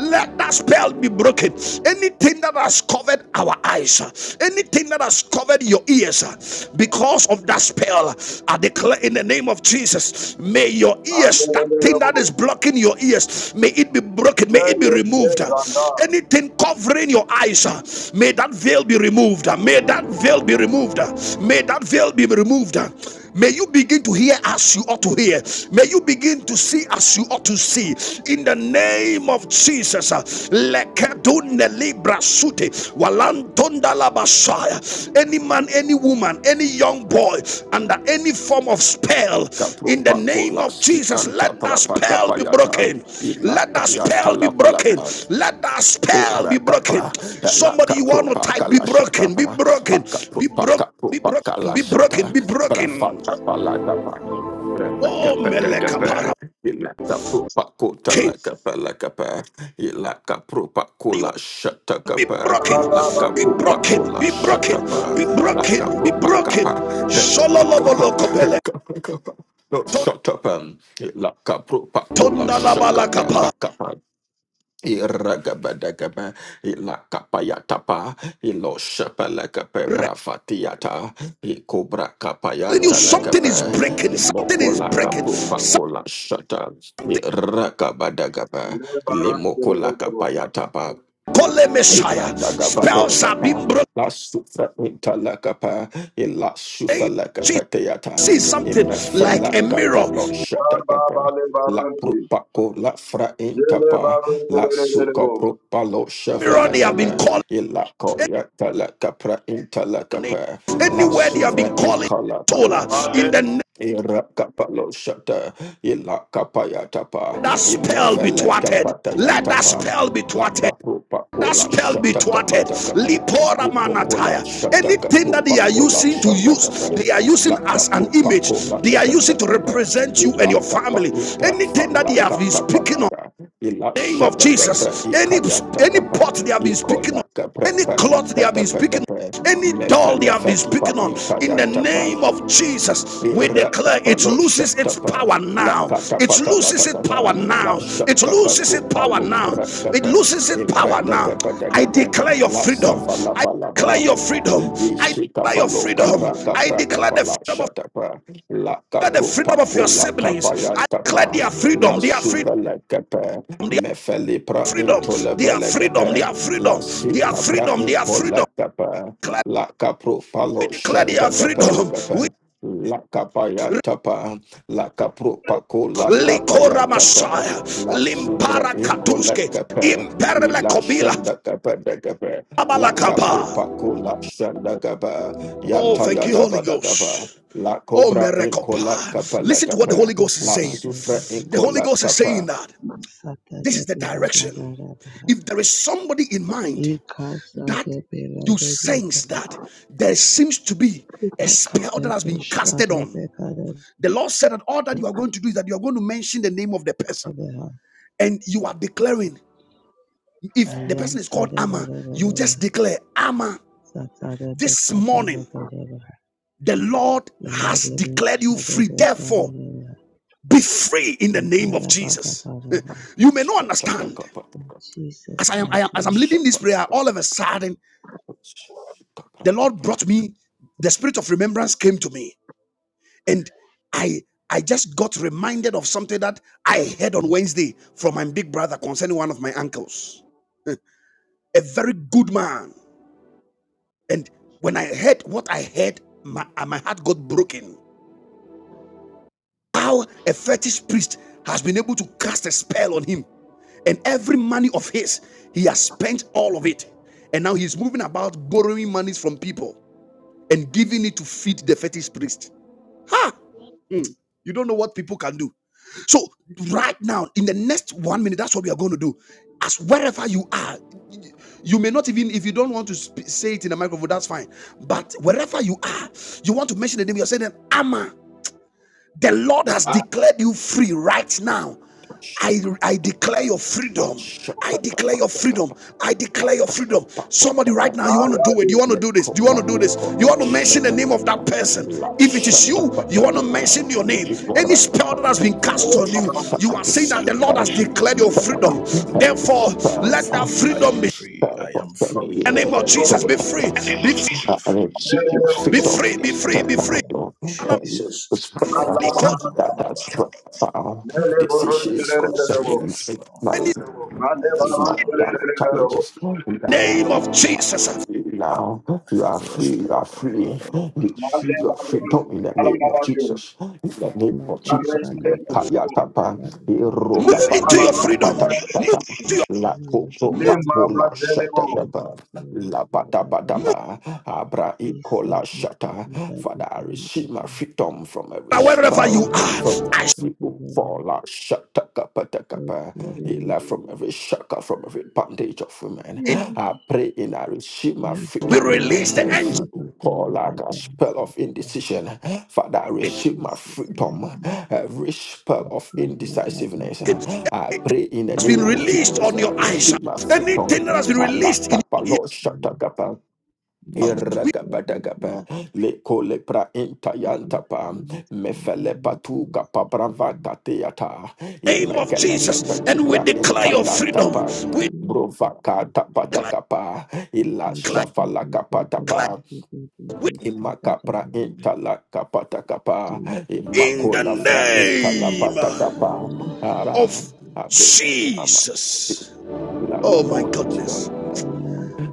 A: Let that spell be broken. Anything that has covered our eyes, anything that has covered your ears, because of that spell, I declare in the name of Jesus, may your ears, that thing that is
E: Hallelujah.
A: blocking your ears, may it be broken, may
E: Yeah,
A: it be
E: yes, yes,
A: removed.
E: and that.
A: Anything covering your eyes, may that veil be removed. May that veil be removed. May that veil be removed. May you begin to hear as you ought to hear. May you begin to see as you ought to see. In the name of Jesus. uh, Any man, any woman, any young boy under any form of spell,
F: Kapro
A: in the
F: Paco
A: name
F: La
A: of
F: Si
A: Jesus,
F: Anta
A: let that
F: Palapa
A: spell be
F: Kapayata
A: broken.
F: Ila
A: Let that
F: Kayata
A: spell be
F: La
A: broken.
F: palapa
A: Let that spell
F: Ora
A: be
F: capa,
A: broken.
F: la
A: Somebody you want to
F: capropa
A: type, be
F: calashata
A: broken, be
F: para, la
A: broken, be
F: capropa
A: broken, be
F: capropa
A: broken. Be broken,
F: calashata,
A: be
F: para faca
A: broken.
F: palata para. Repeca
A: Oh,
F: pete cape,
A: Melekapara.
F: ila capropa cota
A: King,
F: la capa la capa, ila capropa
A: you
F: cola
A: are
F: shata
A: be
F: capa,
A: broken,
F: la
A: be
E: Kalabade,
F: capropa
A: broken,
F: cola
A: be
F: shata para,
A: broken, be
F: la
A: broken, be
F: capropa
A: broken.
F: capa, e capa capa, e
A: Shololobolokopele.
F: capa capa. No
A: Ton-
F: shut up and la capropa cola shaka pra pa
A: tondalabalakapa.
F: kapa. Iragabadagaba, ilakapayatapa, iloshapalakape
A: Re-
F: brafatiata,
A: Telling you something
F: ikobrakapayantalakepe,
A: is breaking, something is breaking. Some
F: imokolakapupakolashata, irakabadagaba,
E: le barante,
F: limokolakapayatapa,
A: call Messiah.
F: Ibranda gabado
A: Spells have
F: kapa
A: been broken.
F: la sufa inta la kapa ila sufa la
A: She
F: kapa teata
A: sees something
F: imefela
A: like a
F: kapa
A: mirror.
F: lo shata kapa
E: kalabale
F: la
E: barante,
F: propako la fra inta
E: yele
F: pa
E: barante,
F: la
E: le
F: suka
E: lebo,
F: propa lo shava
A: Mirror
F: la
A: they have been
F: kapa
A: calling.
F: ila koya yata la kapra inta la kapa la
A: Anywhere they have
F: suvra
A: been calling.
F: inka
A: Sola.
E: male,
A: In the name
F: Irakapalo shata ila kapaya tapa
A: that spell be
F: imefele
A: thwarted.
F: kapata ya
A: Let that
F: tapa
A: spell be
F: la
A: thwarted.
F: kapupa
A: That
F: kola
A: spell be
F: shata
A: thwarted.
F: kapata kapa
A: Lipora
F: imokola
A: manataya.
F: shata
A: Anything that they
F: kapupa
A: are
F: kola
A: using to
F: shata kapa
A: use, they are using
F: la
A: as an
F: kapupa
A: image.
F: kola
A: They are using
F: shata
A: to
F: kapa
A: represent you and
F: ila
A: your
F: kapa
A: family.
F: ipra
A: Anything that they
F: fala
A: have been
F: kata
A: speaking on
F: payata ila
A: name of
F: shata kapra
A: Jesus. Any
F: ikaya
A: any
F: kapa
A: pot they have been speaking on,
F: ikola kapra
A: any
F: pala
A: cloth they have
F: tata
A: been speaking
F: pata pa
A: on, any doll they
F: mefele
A: have been
F: fatipa
A: speaking on, in
F: intaya
A: the
F: tapa.
A: name of Jesus, we declare
F: Irakapa
A: it
F: lo
A: loses its
F: shatapa
A: power
F: la
A: now. It
F: katapa ya
A: loses its power
F: tatata la
A: now. It
F: shataka
A: loses its
F: propa
A: power
F: lo
A: now. It
F: rakapa
A: loses its power
F: imbranda
A: now.
F: kapa
A: I
F: kapa
A: declare your
F: la
A: freedom.
F: savala
A: I
F: vala
A: declare
F: vala
A: your
F: vala vala
A: freedom. I declare
F: ishikapa
A: your
F: lo kapra
A: freedom. I
F: kapra
A: declare
F: kapa
A: the
F: la
A: freedom of
F: shatapa la
A: the
F: kapro
A: freedom of
F: pako
A: your
F: la kapa
A: siblings.
F: ya
A: I declare
F: tapa
A: their
F: la
A: freedom. Their freedom.
F: suvala kapa
A: Their
F: mefeli pra
A: freedom, their
F: intolebele
A: freedom,
F: kapa
A: their
F: la
A: freedom, their
F: sikapra
A: freedom, their freedom.
F: impola kapa la kapro
A: We
F: palo
A: declare their
F: shandaka
A: freedom.
F: kapa La capaya tapa, la capropaco, la
A: We
F: capaya
A: likora
F: tapa,
A: masaya,
F: la suvra
A: limpara
F: inco la
A: katuske,
F: capa, y
A: imperle
F: la
A: kobila,
F: shanda capa de capa, la
A: abalakaba.
F: capropaco, la shanda gaba,
A: Oh, thank
F: yataya
A: you, Holy
F: daba da gaba,
A: Ghost.
F: la
A: Oh,
F: cobra inco la
D: de
A: merekopa.
F: capa
D: de
F: la
A: Listen to
D: de
A: what the
D: de
F: capa,
A: Holy
D: ka
A: Ghost is
D: da
F: la
D: ba de de
F: sufra
D: de
A: saying. The
D: de.
F: inco
A: Holy
F: la
A: Ghost is saying
F: capa,
A: that
D: Sa de
A: this
D: de
A: is the
D: de la da da
A: direction.
D: da ba.
A: If there is somebody in mind
D: E ka sa
A: that
D: de de la
A: you
D: de de de.
A: sense that there seems to be
D: Le
A: a
D: pa
A: spell
D: de
A: that has been
D: sha
A: casted
D: de
A: on
D: be ka de
A: The Lord said that all that you are going
D: de
A: to do is that you are going to mention the name of the person
D: ha.
A: and you are declaring.
D: Le
A: If the person is
D: sa
A: called
D: de ba
A: Amma,
D: de ba
A: you
D: de ba.
A: just declare, Amma,
D: Sa sa de be
A: this
D: de de
A: morning
D: de ba.
A: the Lord
D: Ya
A: has
D: de be
A: declared
D: sha
A: you
D: de
A: free.
D: be ka
A: Therefore,
D: de de.
A: be free in the name of Jesus.
D: Ibadabadabadaba.
A: you may not
F: shata la
A: understand.
F: capa,
D: In Jesus'
A: As I am, I am
D: mighty
A: as
F: e
A: I'm
D: name.
A: leading
F: shapa
A: this
F: la
A: prayer, all
F: capa,
A: of a sudden, the
F: capra
A: Lord
F: tapa,
A: brought me, the spirit of remembrance came to me. and i i just got reminded of something that i heard on wednesday from my big brother concerning one of my uncles a very good man and when i heard what i heard my, uh, my heart got broken how a fetish priest has been able to cast a spell on him and every money of his he has spent all of it and now he's moving about borrowing monies from people and giving it to feed the fetish priest ha You don't know what people can do. So, right now, in the next one minute, that's what we are going to do. As wherever you are, you may not even, if you don't want to sp- say it in the microphone, that's fine. But wherever you are, you want to mention the name, you're saying, Amma. The Lord has declared you free right now. I,
F: shaka la
A: I declare
F: capa,
A: your
F: la
A: freedom. I
F: shaka
A: declare
F: capa
A: your
F: la
A: freedom.
F: capa.
A: I declare your freedom. Somebody right now, you want to do it.
E: ayade,
A: You want to do this. You want to do this. You want to mention the name of that person. If it is you, you want to mention your name. Any spell that has been cast on you, you
B: parado
A: are saying that the Lord has declared your freedom.
B: shakapariante
A: Therefore,
B: I am
A: let that
B: free. I
A: freedom
B: am
A: be
B: free. I am free.
A: in the name
B: I
A: of
B: am
A: Jesus. Be
B: free.
F: Let's
A: free.
B: My
A: Be free.
B: children are
F: Fit
B: free. My wife
A: Be
B: is
F: on the
A: free. Be
B: free.
F: list,
B: In
A: free. Be
B: the
A: free.
B: name of Jesus.
E: malabana,
F: that has
E: lele barante,
F: decisions
E: le
B: Yes, Lord.
E: lebo,
F: concerning
B: Yes, Lord.
A: In the
F: marriage,
E: male
B: Yes,
E: barante,
B: Lord.
E: le lebo,
F: challenges.
A: name of Jesus.
F: Now you are
B: Yes,
F: free, you are free,
B: Lord.
F: you
B: I
E: male
F: see your
B: am
E: barante,
B: free.
F: freedom in the name of
E: kalabade, male,
F: Jesus. In the name of Jesus,
E: Kerere
F: Kaya
E: Gerebo,
F: Kapa,
E: le
A: Move
F: Roga
A: into your
D: Madakadabadabadabadaba.
F: Bade,
E: barante,
A: freedom. Move to
F: Kapata
A: your
F: La Coco
E: le
A: move
E: mama,
F: Papola
E: Kerere,
F: Shata Dapa, La Badaba
D: Ibadabadabadabadaba.
F: Daba, Abra Ecola Shata.
D: Isadabadabadabadaba.
F: Father, I receive my freedom from every
A: wherever you
F: spell,
A: are.
F: from
A: I
D: Ibadabadabadabadaba.
F: every Ufola Shata Kappa Kappa, Ela from
D: Ibadabadabadabadaba.
F: every shaka, from every bondage of women.
A: sh-
F: I pray and I receive my
A: we
F: freedom,
D: Yadabo
A: release the angel.
F: every
D: Shakata
F: call like
D: Baba
F: a spell of indecision. Father, I receive my
D: Jesus
F: freedom,
D: name.
F: every spell of
D: Makata
F: indecisiveness.
D: Baba
A: Anything
F: I
A: that
F: pray in
D: I
F: the
A: has been
F: name of
A: released
F: Jesus.
A: on
F: I
A: your eyes.
F: receive
D: receive
F: my freedom.
A: Anything that has been
F: Allah
A: released in
F: kapa
A: your ear.
F: lo
D: Jesus,
F: shata kapa.
A: with
F: Iragabadagaba, leko lepra intayantapa, mefele patu kapa brava kateata,
A: the name of
F: imekeleke
A: Jesus
F: petu
A: and we
F: pra
A: declare your freedom.
F: intalantapa,
A: We
F: brova kata
A: declare,
F: patakapa, ila
A: declare,
F: shafala
A: declare.
F: capatapa,
A: We-
F: Imakapra intala kapata kapa.
A: in the
F: Imakola fra intala pata
A: name
F: kapa. Ara.
A: of
F: I bring Amabokobi.
A: Jesus.
F: La
A: Oh my
F: Lumo into your
A: goodness.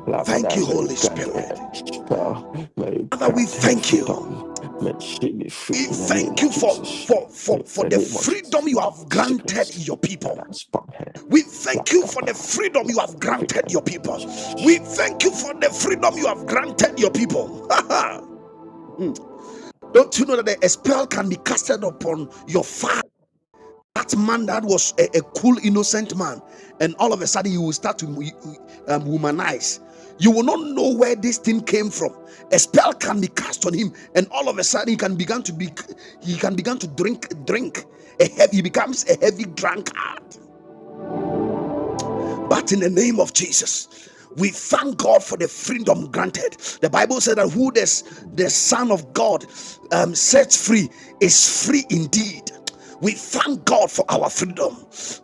F: La
A: Thank
F: Father,
A: you,
F: may you
A: Holy
F: grant her
A: Spirit.
F: every spell, may you
A: Father, we
F: grant her
A: thank you.
F: freedom, may she be free
A: We
F: in the name
A: thank you
F: of
A: for,
F: Jesus.
A: for, for,
F: In
A: for
F: the
A: the
F: name of Jesus,
A: freedom you
F: every
A: have granted
F: sickness
A: your
F: that
A: people.
F: has upon her,
A: We
F: La
A: thank you for the
F: Kappa,
A: freedom you have
F: freedom
A: granted
F: in the
A: your
F: name of
A: people. We
F: Jesus.
A: thank you for the freedom you have granted your people. Don't you know that the spell can be casted upon your father? That man that was a, a cool, innocent man, and all of a sudden you will start to um, womanize. You will not know where this thing came from. A spell can be cast on him, and all of a sudden he can begin to be, he can begin to drink, drink. A heavy, he becomes a heavy drunkard. But in the name of Jesus, we thank God for the freedom granted. The Bible said that who this, the Son of God um, sets free is free indeed. We thank God for our freedom.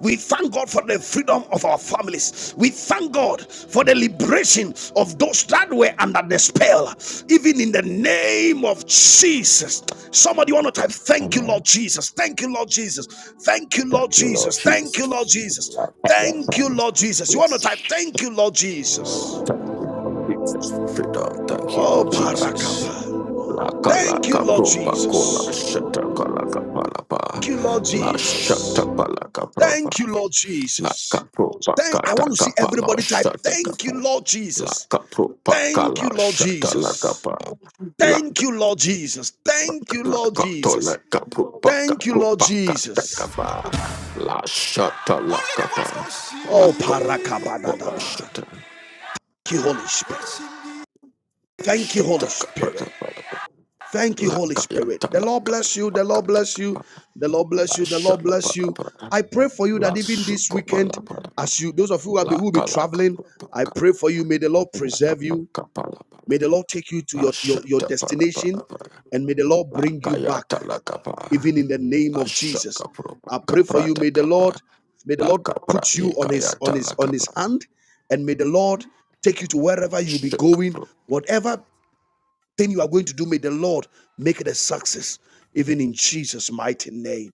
A: We thank God for the freedom of our families. We thank God for the liberation of those that were under the spell, even in the name of Jesus. Somebody want to type, Thank you, Lord
F: Amen.
A: Jesus. Thank you, Lord Jesus. Thank you, Lord
F: Thank you, Lord
A: Jesus. Thank you, Lord
F: Jesus.
A: Jesus.
F: La Father,
A: Thank you, Lord Jesus. You
F: Son,
A: want to type, Thank you, Lord Jesus.
F: Thank you, Lord Jesus, for freedom. Thank you,
A: Oh,
F: Lord Jesus.
A: Barakapa.
F: La
A: Thank you,
F: kalaka
A: Lord
F: propa kola
A: Jesus.
F: shata kalaka palapa.
A: Thank you, Lord
F: La
A: Jesus.
F: shata palaka prova.
A: Thank you, Lord
F: La
A: Jesus.
F: kapropa
A: Thank, I
F: kata
A: want to see
F: kapala
A: everybody type,
F: shata
A: Thank you,
F: kapa.
A: Lord
F: La
A: Jesus.
F: kapropa
A: Thank you,
F: kala
A: Lord
F: shata la
A: Jesus.
F: kapa. La
A: Thank you, Lord Jesus. Thank you,
F: la
A: Lord
F: kato la
A: Jesus.
F: kapropa
A: Thank you, Lord
F: kapropa kata
A: Jesus.
F: kapa. La shata la kapa. La
A: Oh,
F: kapropa kola
A: parakabadadaba.
F: shata.
A: Thank you, Holy Spirit. Thank you, Holy
F: Shata kaprata
A: Spirit.
F: palapa.
A: Thank you,
F: La
A: Holy Spirit.
F: cayata
A: The
F: la
A: Lord
F: capa
A: bless you. The Lord
F: cata
A: bless you.
F: capa
A: The Lord
F: la
A: bless you. The Lord
F: shala
A: bless
F: para
A: you.
F: para
A: I pray for you
F: la
A: that even this
F: suco
A: weekend,
F: para para
A: as you, those of you who will be,
F: la
A: who will be
F: cala
A: traveling,
F: capa
A: I pray for you. May the Lord
F: la
A: preserve
F: capa
A: you.
F: capa la para
A: May the Lord take you to
F: la
A: your, your, your
F: shata para para
A: destination
F: para
A: and may the Lord
F: la
A: bring you back.
F: cayata la capa
A: even in the name
F: la
A: of Jesus.
F: shaka pro
A: I pray for you. May
F: caprata
A: the Lord,
F: capra
A: may the
F: la
A: Lord
F: capra
A: put you
F: ni
A: on his on
F: cayata
A: his
F: la
A: on his
F: capra
A: hand, and may the Lord take you to wherever you'll be going, whatever thing you are going to do, may the Lord make it a success, even in Jesus' mighty name.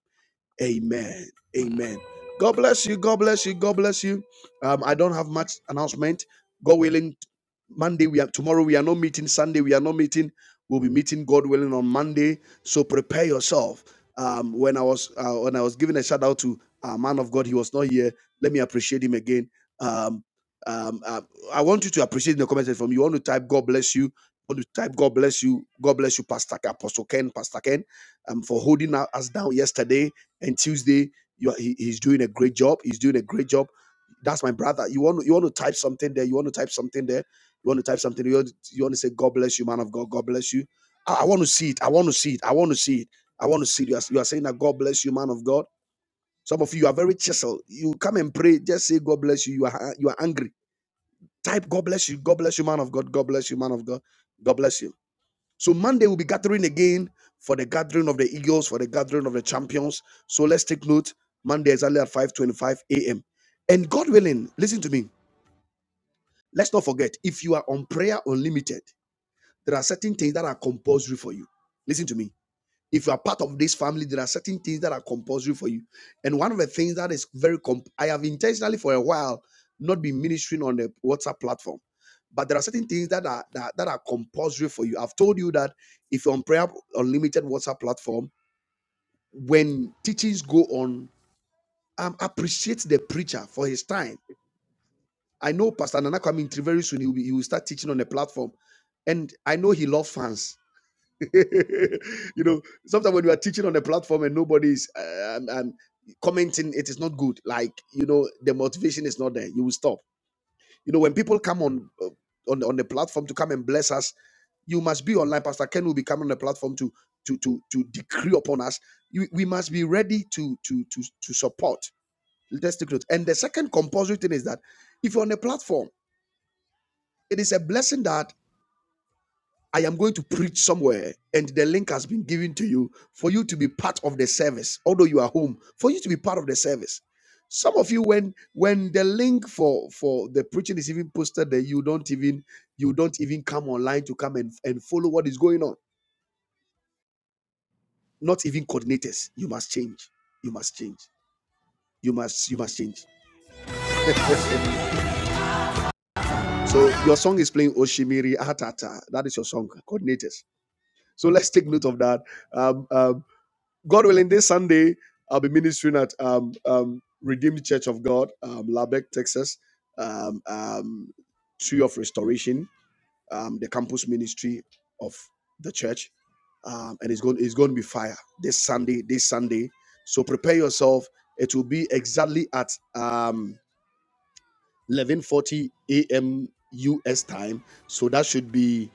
A: Amen. Amen. God bless you. God bless you. God bless you. Um, I don't have much announcement. God willing, Monday we are tomorrow. We are not meeting. Sunday we are not meeting. We'll be meeting God willing on Monday. So prepare yourself. Um, when I was uh, when I was giving a shout out to a man of God, he was not here. Let me appreciate him again. Um, um, uh, I want you to appreciate in the comments from you. want to type God bless you. want to type God bless you. God bless you, Pastor Apostle Ken, Pastor Ken, um, for holding us down yesterday and Tuesday you are, he, he's doing a great job. He's doing a great job. That's my brother. You want you want to type something there. You want to type something there. You want to type something. You want, you want to say God bless you, man of God. God bless you. I, I want to see it. I want to see it. I want to see it. I want to see it. You are, you are saying that God bless you, man of God. Some of you are very chiseled. You come and pray. Just say God bless you. You are you are angry. Type God bless you. God bless you, man of God. God bless you, man of God. God bless you. So Monday we'll be gathering again for the gathering of the eagles, for the gathering of the champions. So let's take note. Monday is only at 5:25 a.m. And God willing, listen to me. Let's not forget, if you are on prayer unlimited, there are certain things that are compulsory for you. Listen to me. If you are part of this family, there are certain things that are compulsory for you. And one of the things that is very, comp- I have intentionally for a while not been ministering on the WhatsApp platform, but there are certain things that are that, that are compulsory for you. I've told you that if you're on Prayer Unlimited WhatsApp platform, when teachings go on, um, appreciate the preacher for his time. I know Pastor Nana coming through very soon. He will, be, he will start teaching on the platform, and I know he loves fans. you know, sometimes when you are teaching on the platform and nobody's uh, um, um, commenting, it is not good. Like you know, the motivation is not there. You will stop. You know, when people come on uh, on on the platform to come and bless us, you must be online. Pastor Ken will be coming on the platform to to to to decree upon us. You, we must be ready to to to to support. Let's take note. And the second compulsory thing is that if you're on a platform, it is a blessing that I am going to preach somewhere, and the link has been given to you for you to be part of the service, although you are home, for you to be part of the service. Some of you, when when the link for for the preaching is even posted there, you don't even you don't even come online to come and, and follow what is going on. Not even coordinators. You must change. You must change. You must you must change. So your song is playing Oshimiri Atata. That is your song, coordinators. So let's take note of that. Um um. God willing, this Sunday I'll be ministering at um, um, Redeemed Church of God, um, Lubbock, Texas, um, um, Tree of Restoration, um, the campus ministry of the church, um, and it's going it's going to be fire this Sunday. This Sunday, so prepare yourself. It will be exactly at um, 11:40 a.m. U.S. time, so that should be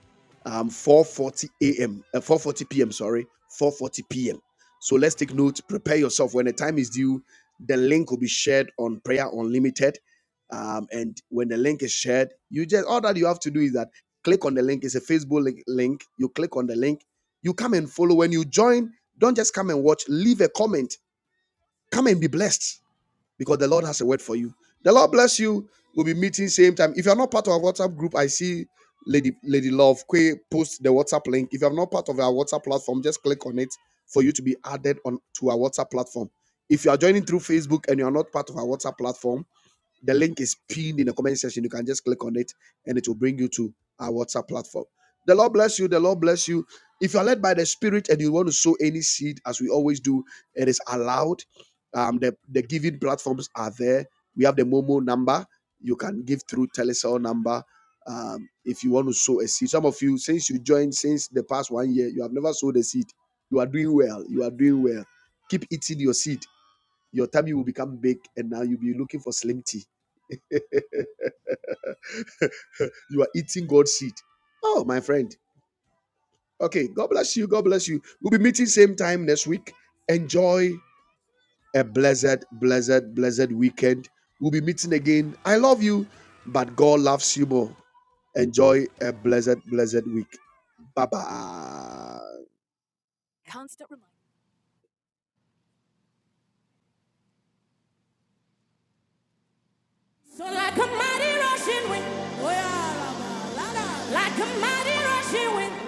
A: um, 4:40 a.m. Uh, 4:40 p.m. Sorry, 4:40 p.m. So let's take note. Prepare yourself. When the time is due, the link will be shared on Prayer Unlimited. Um, and when the link is shared, you just all that you have to do is that click on the link. It's a Facebook link. link. You click on the link. You come and follow. When you join, don't just come and watch. Leave a comment. Come and be blessed because the Lord has a word for you. The Lord bless you. We'll be meeting same time. If you're not part of our WhatsApp group, I see Lady Lady Love Kwe post the WhatsApp link. If you're not part of our WhatsApp platform, just click on it for you to be added on to our WhatsApp platform. If you are joining through Facebook and you are not part of our WhatsApp platform, the link is pinned in the comment section. You can just click on it and it will bring you to our WhatsApp platform. The Lord bless you. The Lord bless you. If you are led by the Spirit and you want to sow any seed, as we always do, it is allowed. Um, the, the giving platforms are there. We have the Momo number. You can give through Telecel number um, if you want to sow a seed. Some of you, since you joined since the past one year, you have never sowed a seed. You are doing well. You are doing well. Keep eating your seed. Your tummy will become big, and now you'll be looking for slim tea. you are eating God's seed. Oh, my friend. Okay, God bless you. God bless you. We'll be meeting same time next week. Enjoy a blessed, blessed, blessed weekend. We'll be meeting again. I love you, but God loves you more. Enjoy a blessed, blessed week. Bye bye. So like a mighty rushing wind, oh yeah, la, la, la, la. like a mighty rushing wind.